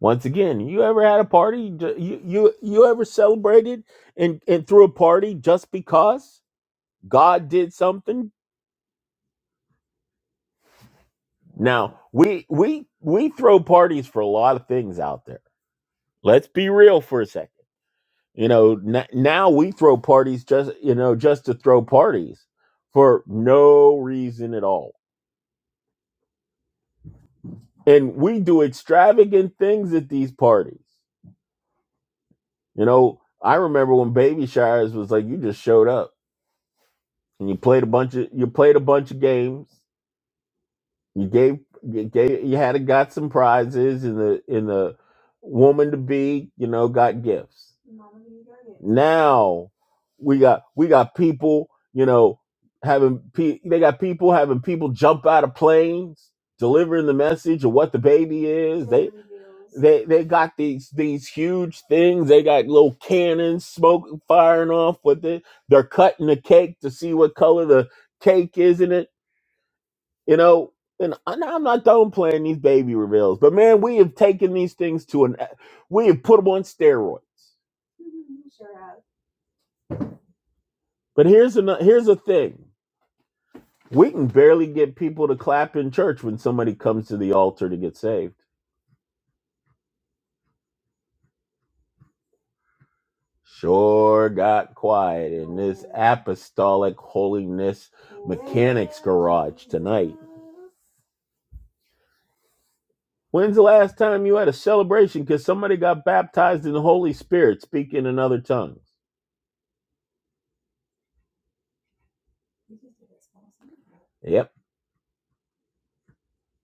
[SPEAKER 2] Once again, you ever had a party? You you, you ever celebrated and and threw a party just because God did something? Now we we we throw parties for a lot of things out there. Let's be real for a second You know, n- now we throw parties just, you know, just to throw parties for no reason at all. And we do extravagant things at these parties. You know, I remember when Baby Shires was like, you just showed up and you played a bunch of, you played a bunch of games. You gave, you gave, you had got some prizes and the, and the woman to be, you know, got gifts. Now we got we got people, you know, having pe- they got people having people jump out of planes, delivering the message of what the baby is. They, they got these these huge things. They got little cannons, smoke firing off with it. They're cutting the cake to see what color the cake is in it. You know, and I- I'm not done playing these baby reveals, but man, we have taken these things to an we have put them on steroids. But here's another here's a thing. We can barely get people to clap in church when somebody comes to the altar to get saved. Sure got quiet. Apostolic holiness. When's the last time you had a celebration because somebody got baptized in the Holy Spirit speaking in other tongues? Yep.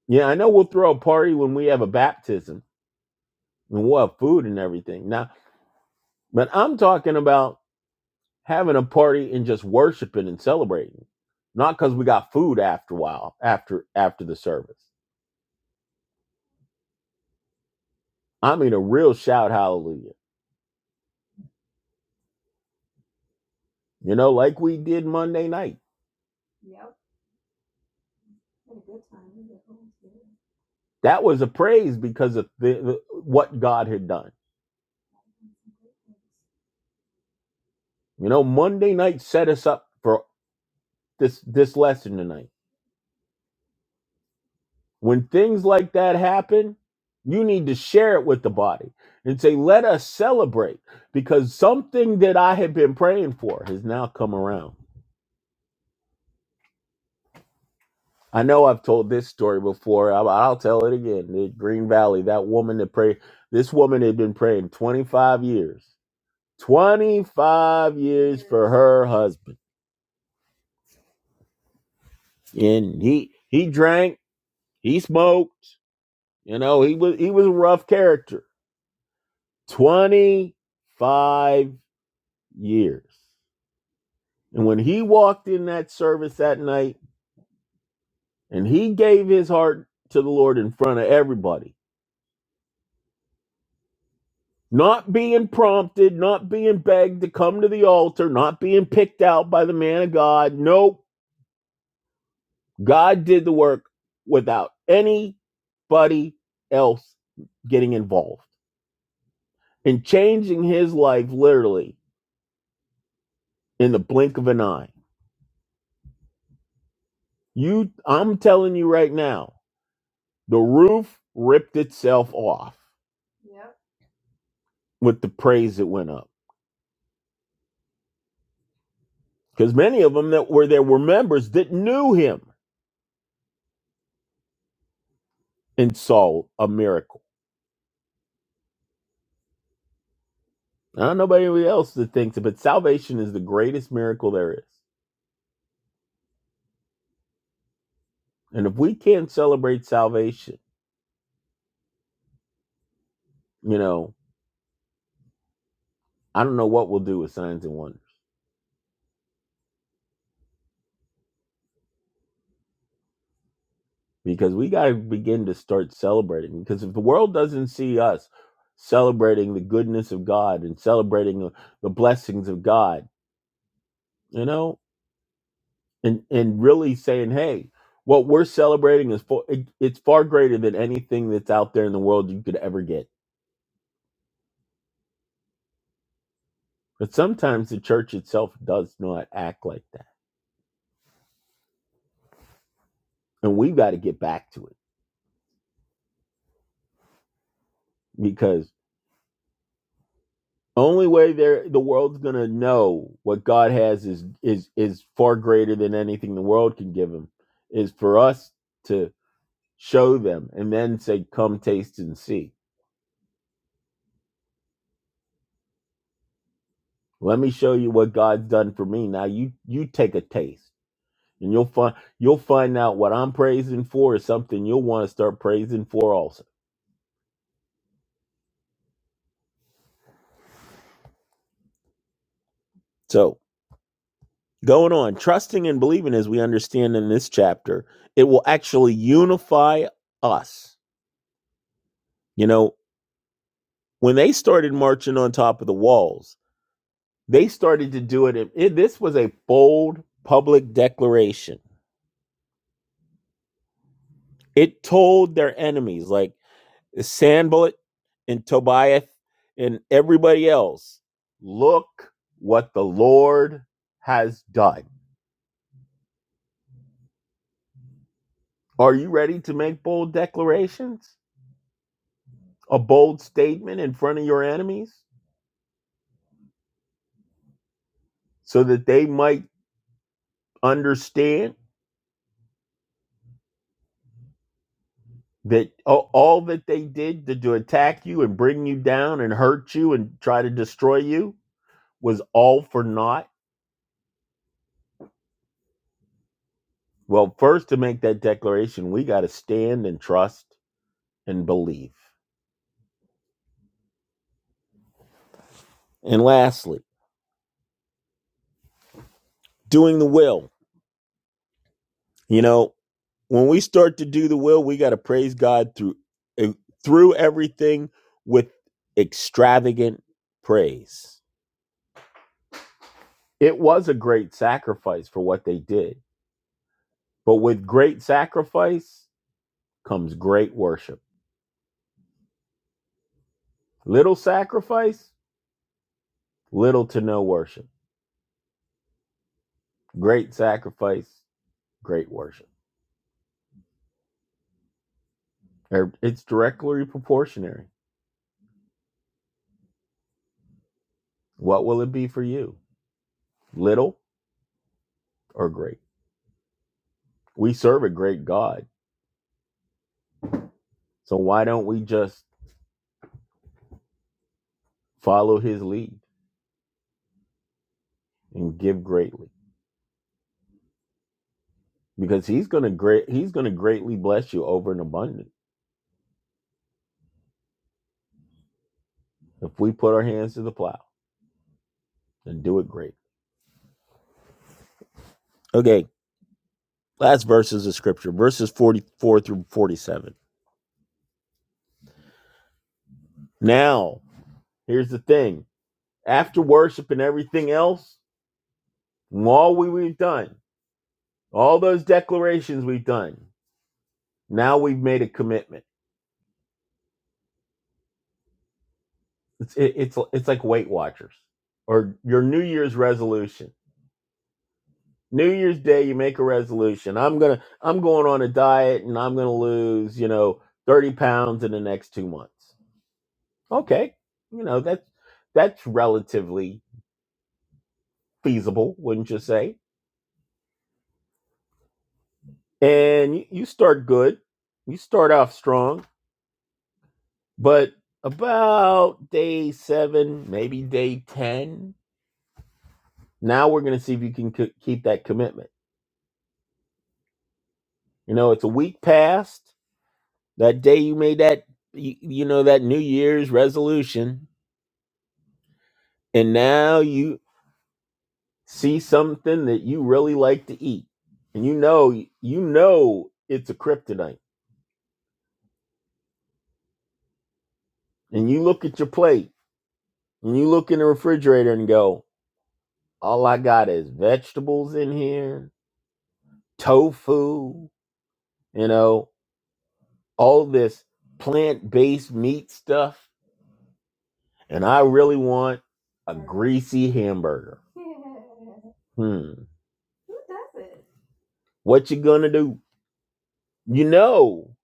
[SPEAKER 2] Yeah, I know we'll throw a party when we have a baptism and we'll have food and everything. Now, but I'm talking about having a party and just worshiping and celebrating. Not because we got food after a while, after after the service. I mean, a real shout hallelujah. You know, like we did Monday night. That was a praise because of the, the, what God had done. You know, Monday night set us up for this this lesson tonight. When things like that happen, you need to share it with the body and say, "Let us celebrate because something that I have been praying for has now come around." I know I've told this story before. I'll, I'll tell it again. The Green Valley, that woman that prayed, this woman had been praying 25 years 25 years for her husband. And he he drank, he smoked, you know, he was he was a rough character. 25 years. And when he walked in that service that night and he gave his heart to the Lord in front of everybody, not being prompted, not being begged to come to the altar, not being picked out by the man of God. Nope God did the work without anybody else getting involved and changing his life literally in the blink of an eye. You I'm telling you right now, the roof ripped itself off with the praise that went up. Because many of them that were there were members that knew him and saw a miracle. I don't know about anybody else that thinks it, but salvation is the greatest miracle there is. And if we can't celebrate salvation, you know, I don't know what we'll do with signs and wonders because we got to begin to start celebrating. Because if the world doesn't see us celebrating the goodness of God and celebrating uh, the blessings of God, you know, and and really saying, hey, what we're celebrating is for it, it's far greater than anything that's out there in the world you could ever get. But sometimes the church itself does not act like that, and we've got to get back to it because. Only way there the world's gonna know what God has is is is far greater than anything the world can give him is for us to show them and then say, Come taste and see. Let me show you what God's done for me. Now you you take a taste and you'll find you'll find out what I'm praising for is something you'll want to start praising for also. So going on, trusting and believing as we understand in this chapter, it will actually unify us. You know, when they started marching on top of the walls, they started to do it. in- it this was a bold public declaration. It told their enemies, like Sanballat and Tobiah and everybody else, look what the Lord has done. Are you ready to make bold declarations? A bold statement in front of your enemies so that they might understand? that all, all that they did to, to attack you and bring you down and hurt you and try to destroy you was all for naught? Well, first, to make that declaration, we got to stand and trust and believe. And lastly, doing the will. You know, when we start to do the will, we got to praise God through eh, through everything with extravagant praise. It was a great sacrifice for what they did, but with great sacrifice comes great worship. Little sacrifice, little to no worship. Great sacrifice, great worship. Er- It's directly proportionary. What will it be for you? Little or great? We serve a great God. So why don't we just follow his lead and give greatly? Because he's gonna great he's gonna greatly bless you over and abundant if we put our hands to the plow and do it great. Okay, last verses of scripture, verses 44 through 47. Now Here's the thing after worship and everything else, all we, we've done, all those declarations we've done, now we've made a commitment. It's, it, it's, it's like Weight Watchers or your New Year's resolution. New Year's Day, you make a resolution. I'm gonna, I'm going on a diet, and I'm gonna lose, you know, 30 pounds in the next two months. Okay, you know that's that's relatively feasible, wouldn't you say? And you, you start good, you start off strong, But about day seven, maybe day 10, now we're going to see if you can c- keep that commitment. You know, it's a week past that day you made that, you, you know, that New Year's resolution. And now you see something that you really like to eat. And you know, you know, it's a kryptonite. And you look at your plate and you look in the refrigerator and go, all I got is vegetables in here, tofu, you know, all this plant based meat stuff, and I really want greasy hamburger. Hmm. What you gonna do? You know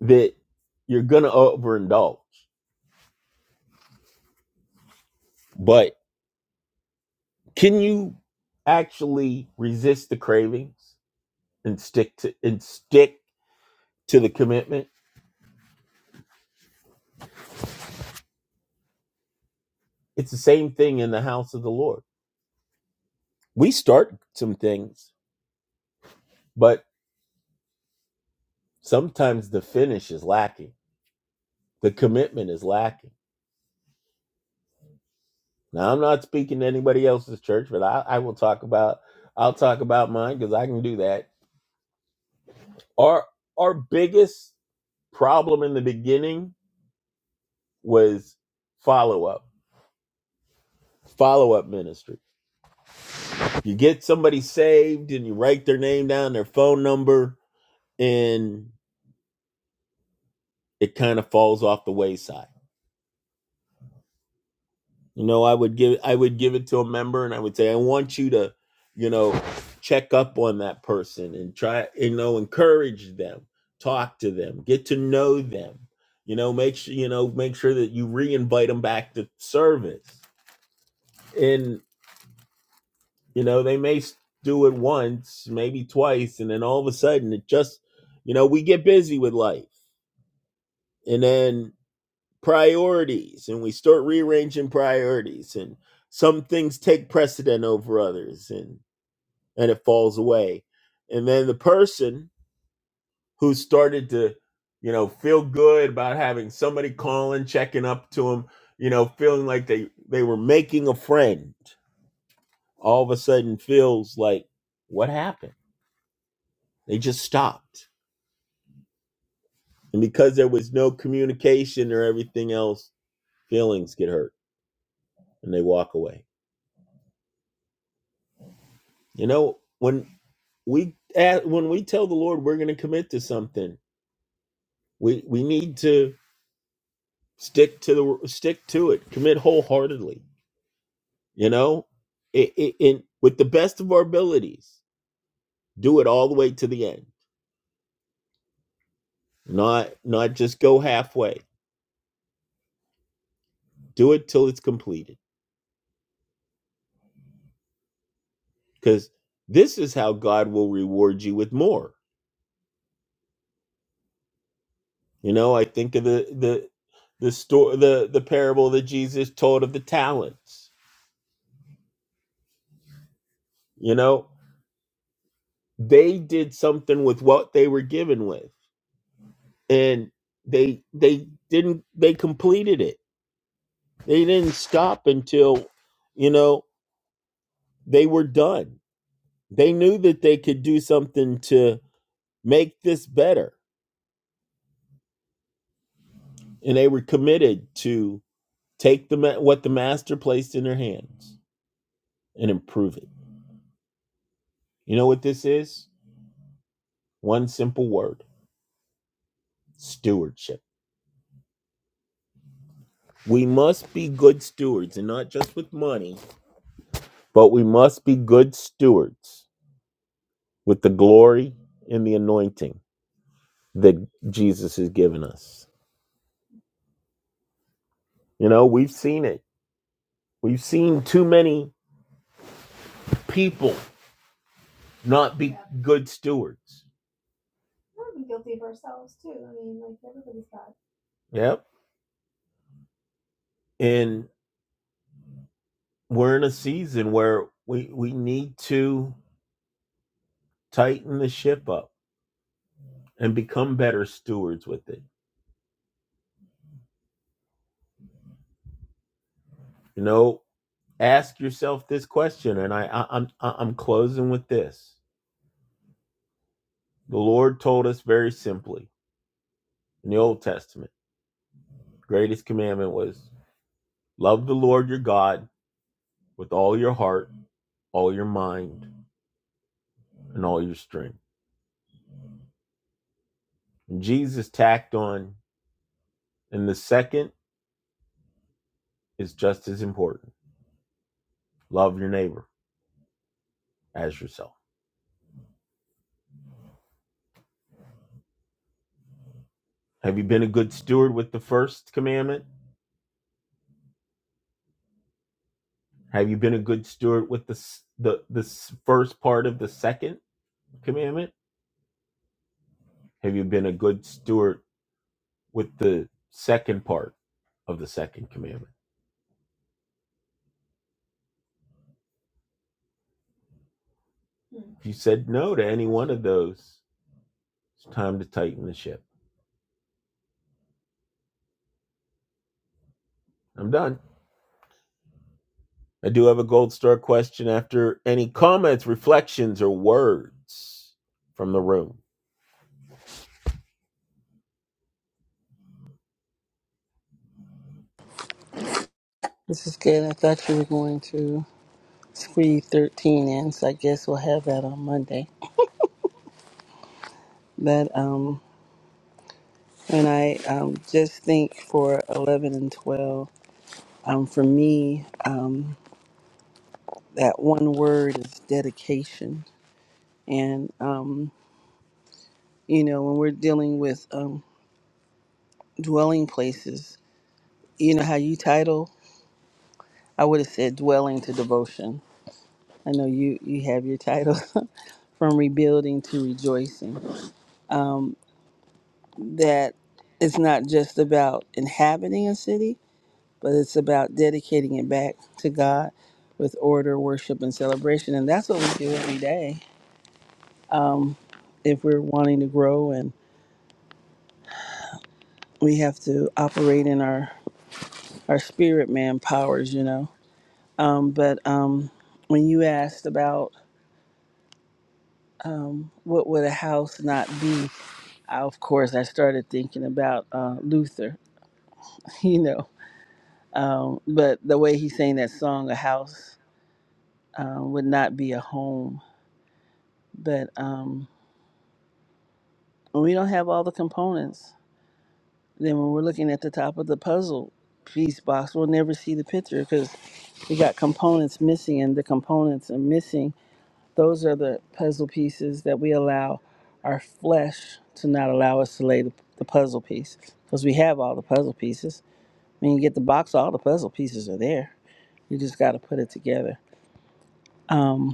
[SPEAKER 2] that you're gonna overindulge, but can you actually resist the cravings and stick to and stick to the commitment? It's the same thing in the house of the Lord. We start some things, but sometimes the finish is lacking. The commitment is lacking. Now I'm not speaking to anybody else's church, but I, I will talk about I'll talk about mine because I can do that. Our our biggest problem in the beginning was follow up, follow up ministry. You get somebody saved and you write their name down, their phone number, and it kind of falls off the wayside You know, I would give I would give it to a member and I would say, I want you to, you know, check up on that person and try, you know, encourage them, talk to them, get to know them, you know, make sure, you know, make sure that you re-invite them back to service. And, you know, they may s- do it once, maybe twice, and then all of a sudden it just, you know, we get busy with life. And then priorities and we start rearranging priorities and some things take precedent over others and and it falls away and then the person who started to you know feel good about having somebody calling checking up to them you know feeling like they they were making a friend all of a sudden feels like what happened they just stopped and because there was no communication or everything else feelings get hurt and they walk away you know when we at, when we tell the Lord we're going to commit to something, we we need to stick to the stick to it, commit wholeheartedly. You know, it, it, it- with the best of our abilities, do it all the way to the end, not not just go halfway. Do it till it's completed, because this is how God will reward you with more. You know, I think of the the the story the the parable that Jesus told of the talents. You know, they did something with what they were given with and they they didn't they completed it they didn't stop until you know they were done they knew that they could do something to make this better and they were committed to take the ma- what the master placed in their hands and improve it you know what this is one simple word stewardship we must be good stewards and not just with money but we must be good stewards with the glory and the anointing that Jesus has given us. You know, we've seen it. We've seen too many people not be good stewards. Yep. And we're in a season where we we need to tighten the ship up and become better stewards with it. You know, ask yourself this question, and I, I I'm I- I'm closing with this. The Lord told us very simply in the Old Testament, the greatest commandment was love the Lord your God with all your heart, all your mind, and all your strength. And Jesus tacked on, and the second is just as important love your neighbor as yourself. Have you been a good steward with the first commandment? Have you been a good steward with the, the, the first part of the second commandment? Have you been a good steward with the second part of the second commandment? If you said no to any one of those, it's time to tighten the ship. I'm done. I do have a gold star question after any comments, reflections, or words from the room.
[SPEAKER 3] This is good. I thought you were going to squeeze 13 in, so I guess we'll have that on Monday. But, um, and I um, just think for 11 and 12, um, for me, um, that one word is dedication. And, um, you know, when we're dealing with um, dwelling places, you know how you title? I would have said dwelling to devotion. I know you, you have your title from rebuilding to rejoicing that it's not just about inhabiting a city, but it's about dedicating it back to God with order, worship, and celebration. And that's what we do every day. Um, if we're wanting to grow and we have to operate in our, our spirit man powers, you know. Um, but um, when you asked about um, what would a house not be, I, of course, I started thinking about uh, Luther, you know. Um, but the way he sang that song, A House uh, would not be a home. But um, when we don't have all the components, then when we're looking at the top of the puzzle piece box, we'll never see the picture because we got components missing, and the components are missing. Those are the puzzle pieces that we allow our flesh to not allow us to lay the, the puzzle piece because we have all the puzzle pieces. When you get the box, all the puzzle pieces are there. You just got to put it together. Um,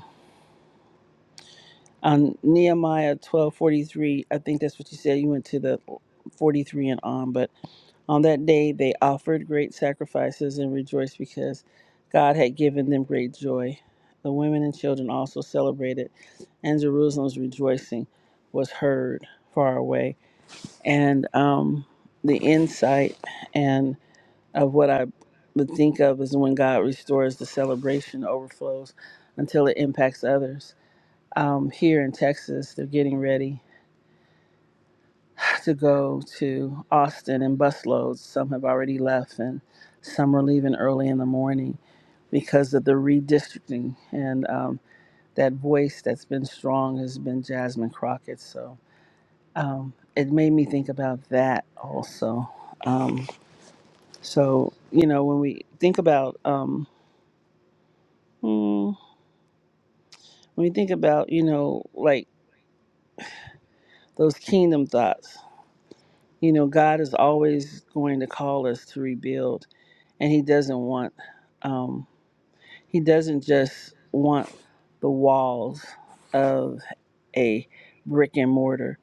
[SPEAKER 3] on Nehemiah twelve forty three. I think that's what you said. You went to the forty three and on, but on that day they offered great sacrifices and rejoiced because God had given them great joy. The women and children also celebrated, and Jerusalem's rejoicing was heard far away. And um, the insight and of what I would think of is when God restores the celebration overflows until it impacts others um, here in Texas. They're getting ready to go to Austin in busloads. Some have already left, and some are leaving early in the morning because of the redistricting. And um, that voice that's been strong has been Jasmine Crockett. So um, it made me think about that also. Um, so you know, when we think about um, hmm, when we think about you know like those kingdom thoughts You know, God is always going to call us to rebuild, and He doesn't want, um, He doesn't just want the walls of a brick and mortar.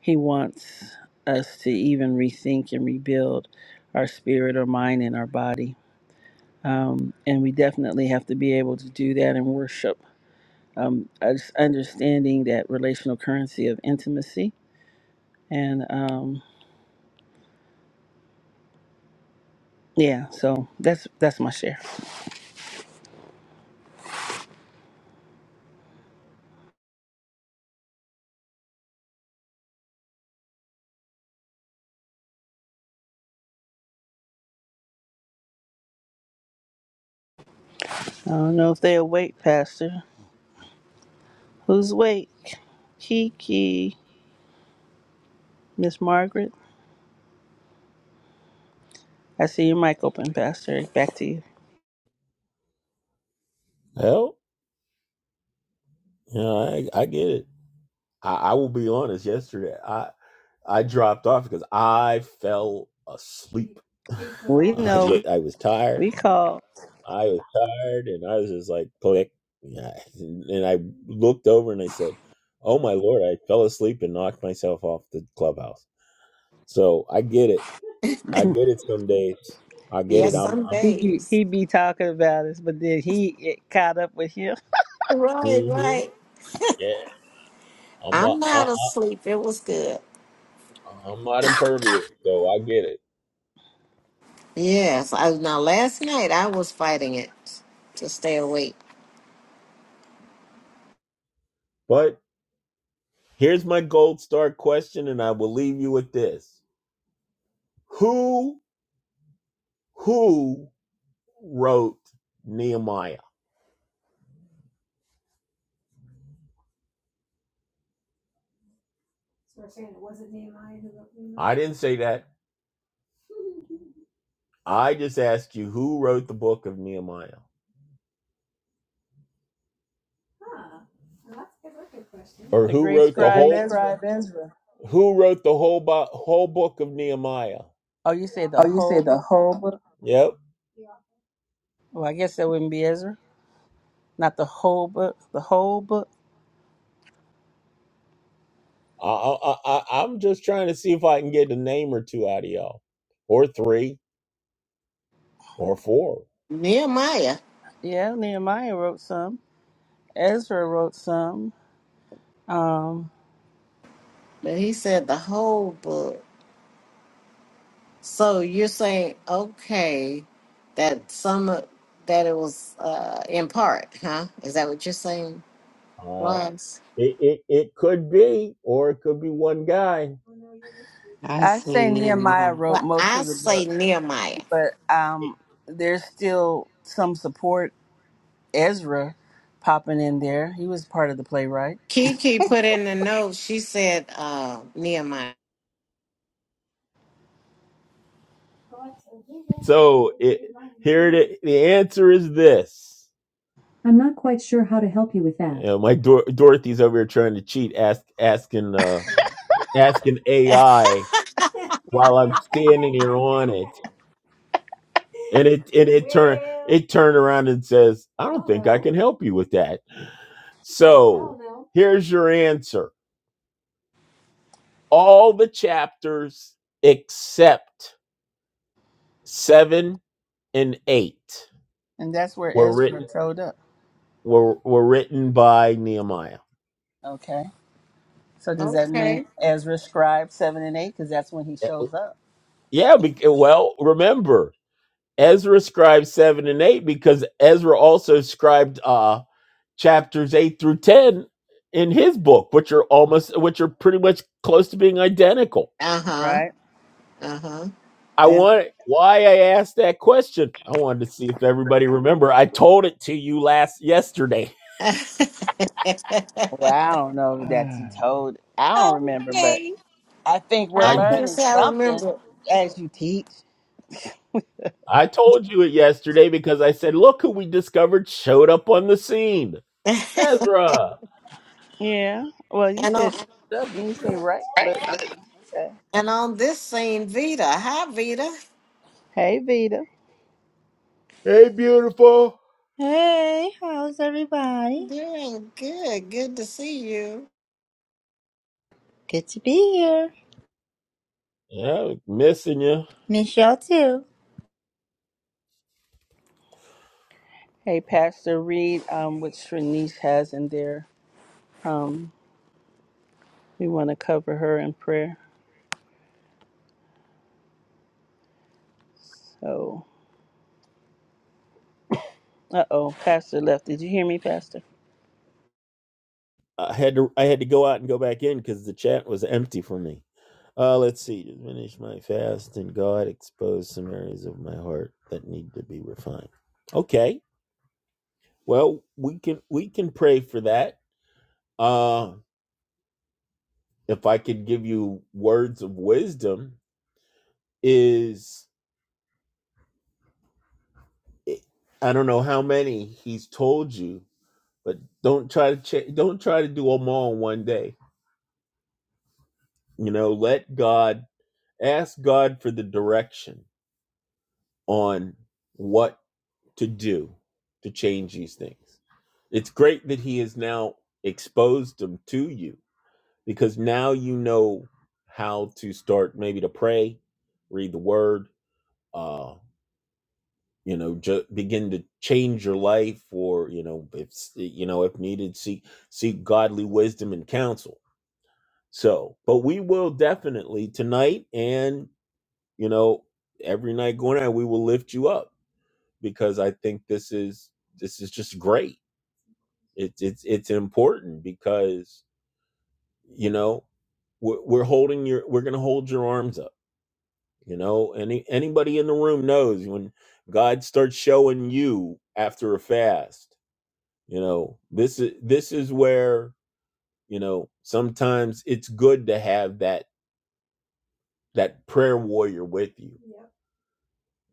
[SPEAKER 3] He wants us to even rethink and rebuild our spirit, our mind, and our body. Um, and we definitely have to be able to do that in worship. Um, us understanding that relational currency of intimacy. And um, yeah, so that's that's my share. I don't know if they awake, Pastor. Who's awake? Kiki. Miss Margaret. I see your mic open, Pastor. Back to you.
[SPEAKER 2] Well, you know, I, I get it. I, I will be honest. Yesterday, I I dropped off because I fell asleep.
[SPEAKER 3] We
[SPEAKER 2] I, wa-
[SPEAKER 3] know.
[SPEAKER 2] I was tired.
[SPEAKER 3] We called.
[SPEAKER 2] I was tired, and I was just like click. Yeah, and I looked over and I said, "Oh my lord!" I fell asleep and knocked myself off the clubhouse. So I get it. I get it. Some days I get it.
[SPEAKER 1] Yes,
[SPEAKER 2] I'm.
[SPEAKER 1] some
[SPEAKER 2] I'm
[SPEAKER 3] He be
[SPEAKER 1] days.
[SPEAKER 3] he be talking about us, but then he it caught up with him.
[SPEAKER 1] Right,
[SPEAKER 2] mhm.
[SPEAKER 1] right.
[SPEAKER 2] I'm
[SPEAKER 1] I'm
[SPEAKER 2] not, I,
[SPEAKER 1] not asleep. It was good.
[SPEAKER 2] I, I'm not impervious, so I get it.
[SPEAKER 1] Yes. I, now, last night I was fighting it to stay awake.
[SPEAKER 2] But here's my gold star question, and I will leave you with this: Who, who wrote Nehemiah? didn't say that. I just asked you who wrote the book of Nehemiah, or
[SPEAKER 3] The
[SPEAKER 2] who
[SPEAKER 3] great
[SPEAKER 2] wrote The the great
[SPEAKER 3] scribe
[SPEAKER 2] whole, scribe
[SPEAKER 3] Ezra.
[SPEAKER 2] Ezra. who wrote the whole bo- whole book of Nehemiah.
[SPEAKER 3] Oh, you say the
[SPEAKER 2] Oh, you
[SPEAKER 3] whole
[SPEAKER 2] say the
[SPEAKER 3] book?
[SPEAKER 2] whole book? Yep.
[SPEAKER 3] Well, I guess that wouldn't be Ezra. Not the whole book. The whole book.
[SPEAKER 2] I, I, I, I- am just trying to see if I can get a name or two out of y'all, or three, or four.
[SPEAKER 1] Nehemiah,
[SPEAKER 3] Yeah, Nehemiah wrote some. Ezra wrote some. Um,
[SPEAKER 1] but he said the whole book. So you're saying, okay, that some, of- that it was uh, in part, huh? Is that what you're saying,
[SPEAKER 2] Uh,
[SPEAKER 1] Ross?
[SPEAKER 2] It, it, it could be, or it could be one guy.
[SPEAKER 4] I
[SPEAKER 3] I
[SPEAKER 4] see
[SPEAKER 3] say
[SPEAKER 4] you,
[SPEAKER 3] Nehemiah
[SPEAKER 4] Mom.
[SPEAKER 3] wrote
[SPEAKER 1] Well,
[SPEAKER 3] most
[SPEAKER 1] I
[SPEAKER 3] of the
[SPEAKER 1] say
[SPEAKER 3] book.
[SPEAKER 1] Nehemiah.
[SPEAKER 3] but um, there's still some support. Ezra popping in there. He was part of the playwright,
[SPEAKER 1] Kiki put in the note, she said uh, Nehemiah.
[SPEAKER 2] The, the answer is this. Yeah. You know, my Dor- Dorothy's over here trying to cheat, ask, asking, uh, asking AI. It, it turn around and says, "I can help you with that." So here's your answer: all the chapters except seven and eight
[SPEAKER 3] and that's where
[SPEAKER 2] were
[SPEAKER 3] Ezra
[SPEAKER 2] written
[SPEAKER 3] showed up.
[SPEAKER 2] were were written by Nehemiah.
[SPEAKER 3] Okay, so does that
[SPEAKER 1] okay.
[SPEAKER 3] mean Ezra scribe seven and eight? Because that's when he
[SPEAKER 2] Eh,
[SPEAKER 3] shows up,
[SPEAKER 2] Yeah, well, remember Ezra scribed seven and eight because Ezra also scribed uh, chapters eight through ten in his book, which are almost, which are pretty much close to being identical.
[SPEAKER 1] Uh-huh.
[SPEAKER 3] right?
[SPEAKER 1] Uh-huh.
[SPEAKER 2] I
[SPEAKER 3] And
[SPEAKER 2] want why I asked that question. I wanted to see if everybody remember. I told it to you last yesterday.
[SPEAKER 1] okay.
[SPEAKER 3] well, I don't know that he Ah. told. I don't remember, but I think we're
[SPEAKER 2] I
[SPEAKER 1] I
[SPEAKER 2] d-
[SPEAKER 1] can't
[SPEAKER 3] learning
[SPEAKER 1] say I
[SPEAKER 3] something
[SPEAKER 1] remember
[SPEAKER 3] as you teach.
[SPEAKER 2] I told you it yesterday because I said, look who we discovered showed up on the scene,
[SPEAKER 1] it.
[SPEAKER 2] Ezra.
[SPEAKER 3] Yeah. Well, you
[SPEAKER 1] and
[SPEAKER 3] said
[SPEAKER 1] on
[SPEAKER 3] showed up, and you say right, but I mean, okay.
[SPEAKER 1] and on this scene, Vita. Hi Vita.
[SPEAKER 3] Hey, Vita.
[SPEAKER 2] Hey, beautiful.
[SPEAKER 5] Hey, how's everybody?
[SPEAKER 1] Doing good. Good to see you.
[SPEAKER 5] Good to be here.
[SPEAKER 2] Yeah, missing you.
[SPEAKER 5] Miss y'all too.
[SPEAKER 3] Hey, Pastor, read um, what Shanice has in there. Um, we want to cover her in prayer. So, uh oh, Pastor left. Did you hear me, Pastor?
[SPEAKER 2] I had to I had to go out and go back in because the chat was empty for me. Uh, let's see. Just finish my fast, and God exposed some areas of my heart that need to be refined. Okay. Well, we can we can pray for that. Uh, if I could give you words of wisdom, is eh, I don't know how many He's told you, but don't try to cha- don't try to do them all in one day. You know, let God ask God for the direction on what to do to change these things. It's great that he has now exposed them to you because now you know how to start maybe to pray, read the word, uh, you know, ju- begin to change your life or, you know, if you know, if needed, seek seek godly wisdom and counsel. So, but we will definitely tonight and, you know, every night going on, we will lift you up because I think this is this is just great. It's it's it's important because you know we're, we're holding your we're gonna hold your arms up. You know, any anybody in the room knows when God starts showing you after a fast. You know, this is this is where you know sometimes it's good to have that that prayer warrior with you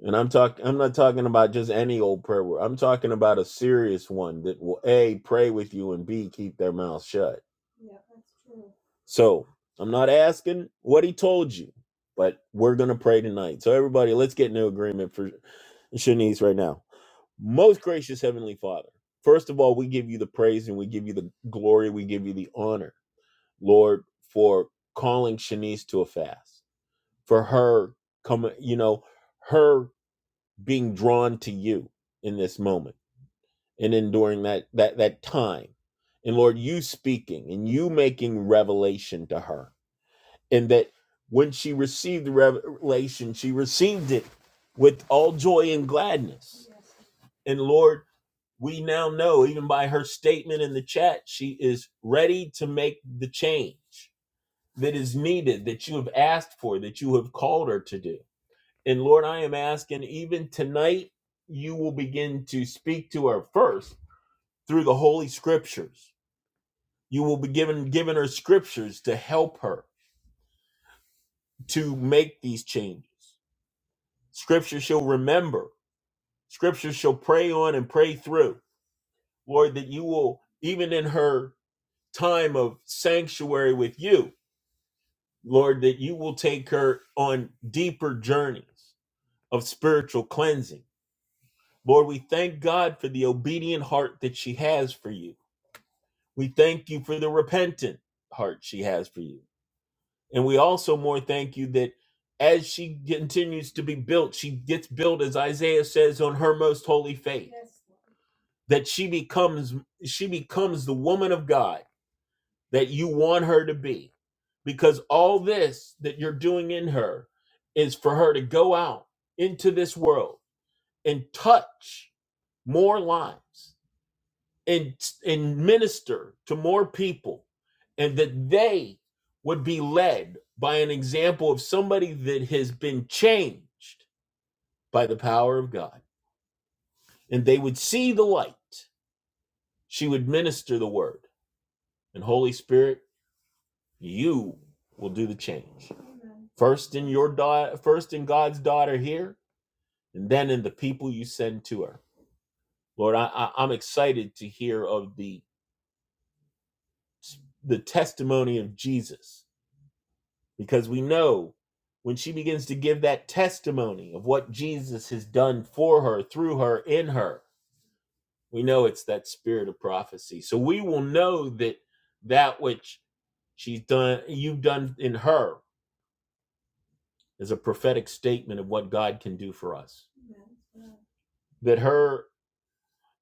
[SPEAKER 2] And I'm talking. I'm not talking about just any old prayer word. I'm talking about a serious one that will a pray with you and b keep their mouth shut. So I'm not asking what he told you, but we're gonna pray tonight. So everybody, let's get into agreement for Shanice right now. Most gracious Heavenly Father, first of all, we give you the praise and we give you the glory. We give you the honor, Lord, for calling Shanice to a fast, for her coming. You know, her being drawn to you in this moment and in during that that that time and lord you speaking and you making revelation to her and that when she received the revelation she received it with all joy and gladness and lord we now know even by her statement in the chat she is ready to make the change that is needed that you have asked for that you have called her to do and Lord, I am asking even tonight, you will begin to speak to her first through the Holy Scriptures. You will be given given her scriptures to help her to make these changes. Scripture she'll remember. Scripture she'll pray on and pray through. Lord, that you will, even in her time of sanctuary with you, Lord, that you will take her on deeper journeys of spiritual cleansing Lord, we thank God for the obedient heart that she has for you. We thank you for the repentant heart she has for you. And we also more thank you that as she continues to be built, she gets built as Isaiah says on her most holy faith, that she becomes she becomes the woman of God that you want her to be. Because all this that you're doing in her is for her to go out into this world and touch more lives and and minister to more people and that they would be led by an example of somebody that has been changed by the power of God and they would see the light she would minister the word and holy spirit you will do the change first in your daughter first in God's daughter here and then in the people you send to her lord i, I i'm excited to hear of the the testimony of Jesus because we know when she begins to give that testimony of what Jesus has done for her, through her, in her, we know it's that spirit of prophecy. So we will know that that which she's done, you've done in her, is a prophetic statement of what God can do for us. That her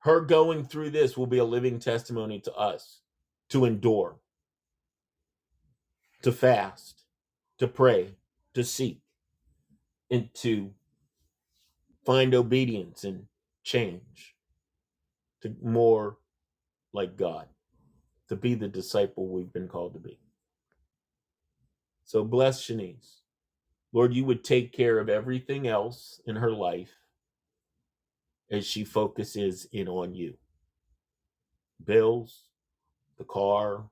[SPEAKER 2] her going through this will be a living testimony to us to endure, to fast, to pray, to seek, and to find obedience and change. to more like God, to be the disciple we've been called to be. So bless Shanice. Lord, you would take care of everything else in her life as she focuses in on you bills, the car,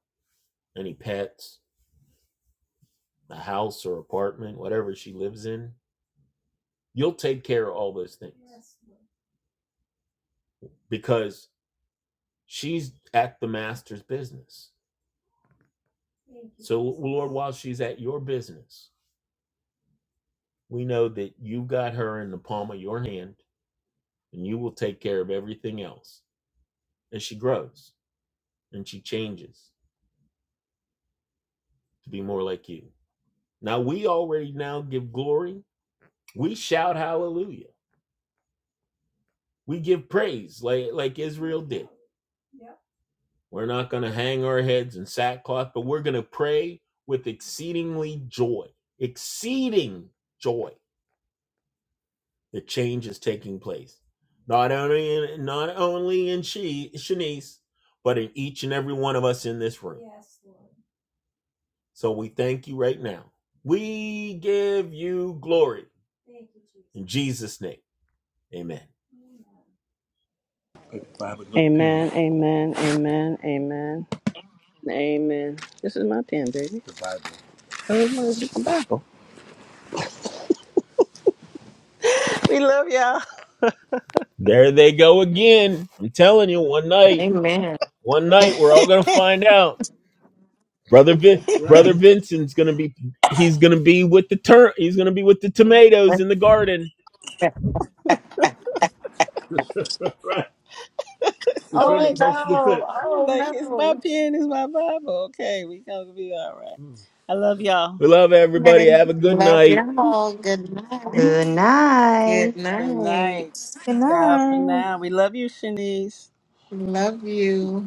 [SPEAKER 2] any pets, the house or apartment, whatever she lives in. You'll take care of all those things because she's at the master's business. While she's at your business, we know that you got her in the palm of your hand and you will take care of everything else as she grows and she changes to be more like you. Now we already now give glory. We shout hallelujah. We give praise like like Israel. We're not going to hang our heads in sackcloth, but we're going to pray with exceedingly joy. Exceeding joy. The change is taking place. Not only in, not only in she Shanice, but in each and every one of us in this room. So we thank you right now. We give you glory in Jesus name. Amen.
[SPEAKER 3] Amen, amen, amen, amen, amen. This is my pen, baby. Oh, it's my freaking Bible. We love y'all.
[SPEAKER 2] There they go again. I'm telling you, one night,
[SPEAKER 1] Amen.
[SPEAKER 2] one night, we're all gonna find out. Brother, Vin- brother Vincent's gonna be. He's gonna be with the turn. He's gonna be with the tomatoes in the garden.
[SPEAKER 3] I'm
[SPEAKER 1] Oh
[SPEAKER 3] like,
[SPEAKER 1] no.
[SPEAKER 3] I'm
[SPEAKER 1] Oh
[SPEAKER 3] like, it's my
[SPEAKER 1] no.
[SPEAKER 3] pen, it's my Bible. Okay, we gonna be all right. I love y'all.
[SPEAKER 2] We love everybody. Have
[SPEAKER 1] Man,
[SPEAKER 2] a good
[SPEAKER 1] Love
[SPEAKER 2] night.
[SPEAKER 1] you all. Good night.
[SPEAKER 4] Good
[SPEAKER 1] Good
[SPEAKER 4] night.
[SPEAKER 3] Good
[SPEAKER 1] night.
[SPEAKER 3] night.
[SPEAKER 5] Good
[SPEAKER 3] Ciao for
[SPEAKER 5] night.
[SPEAKER 3] now. We love you, Shanice.
[SPEAKER 1] Love you.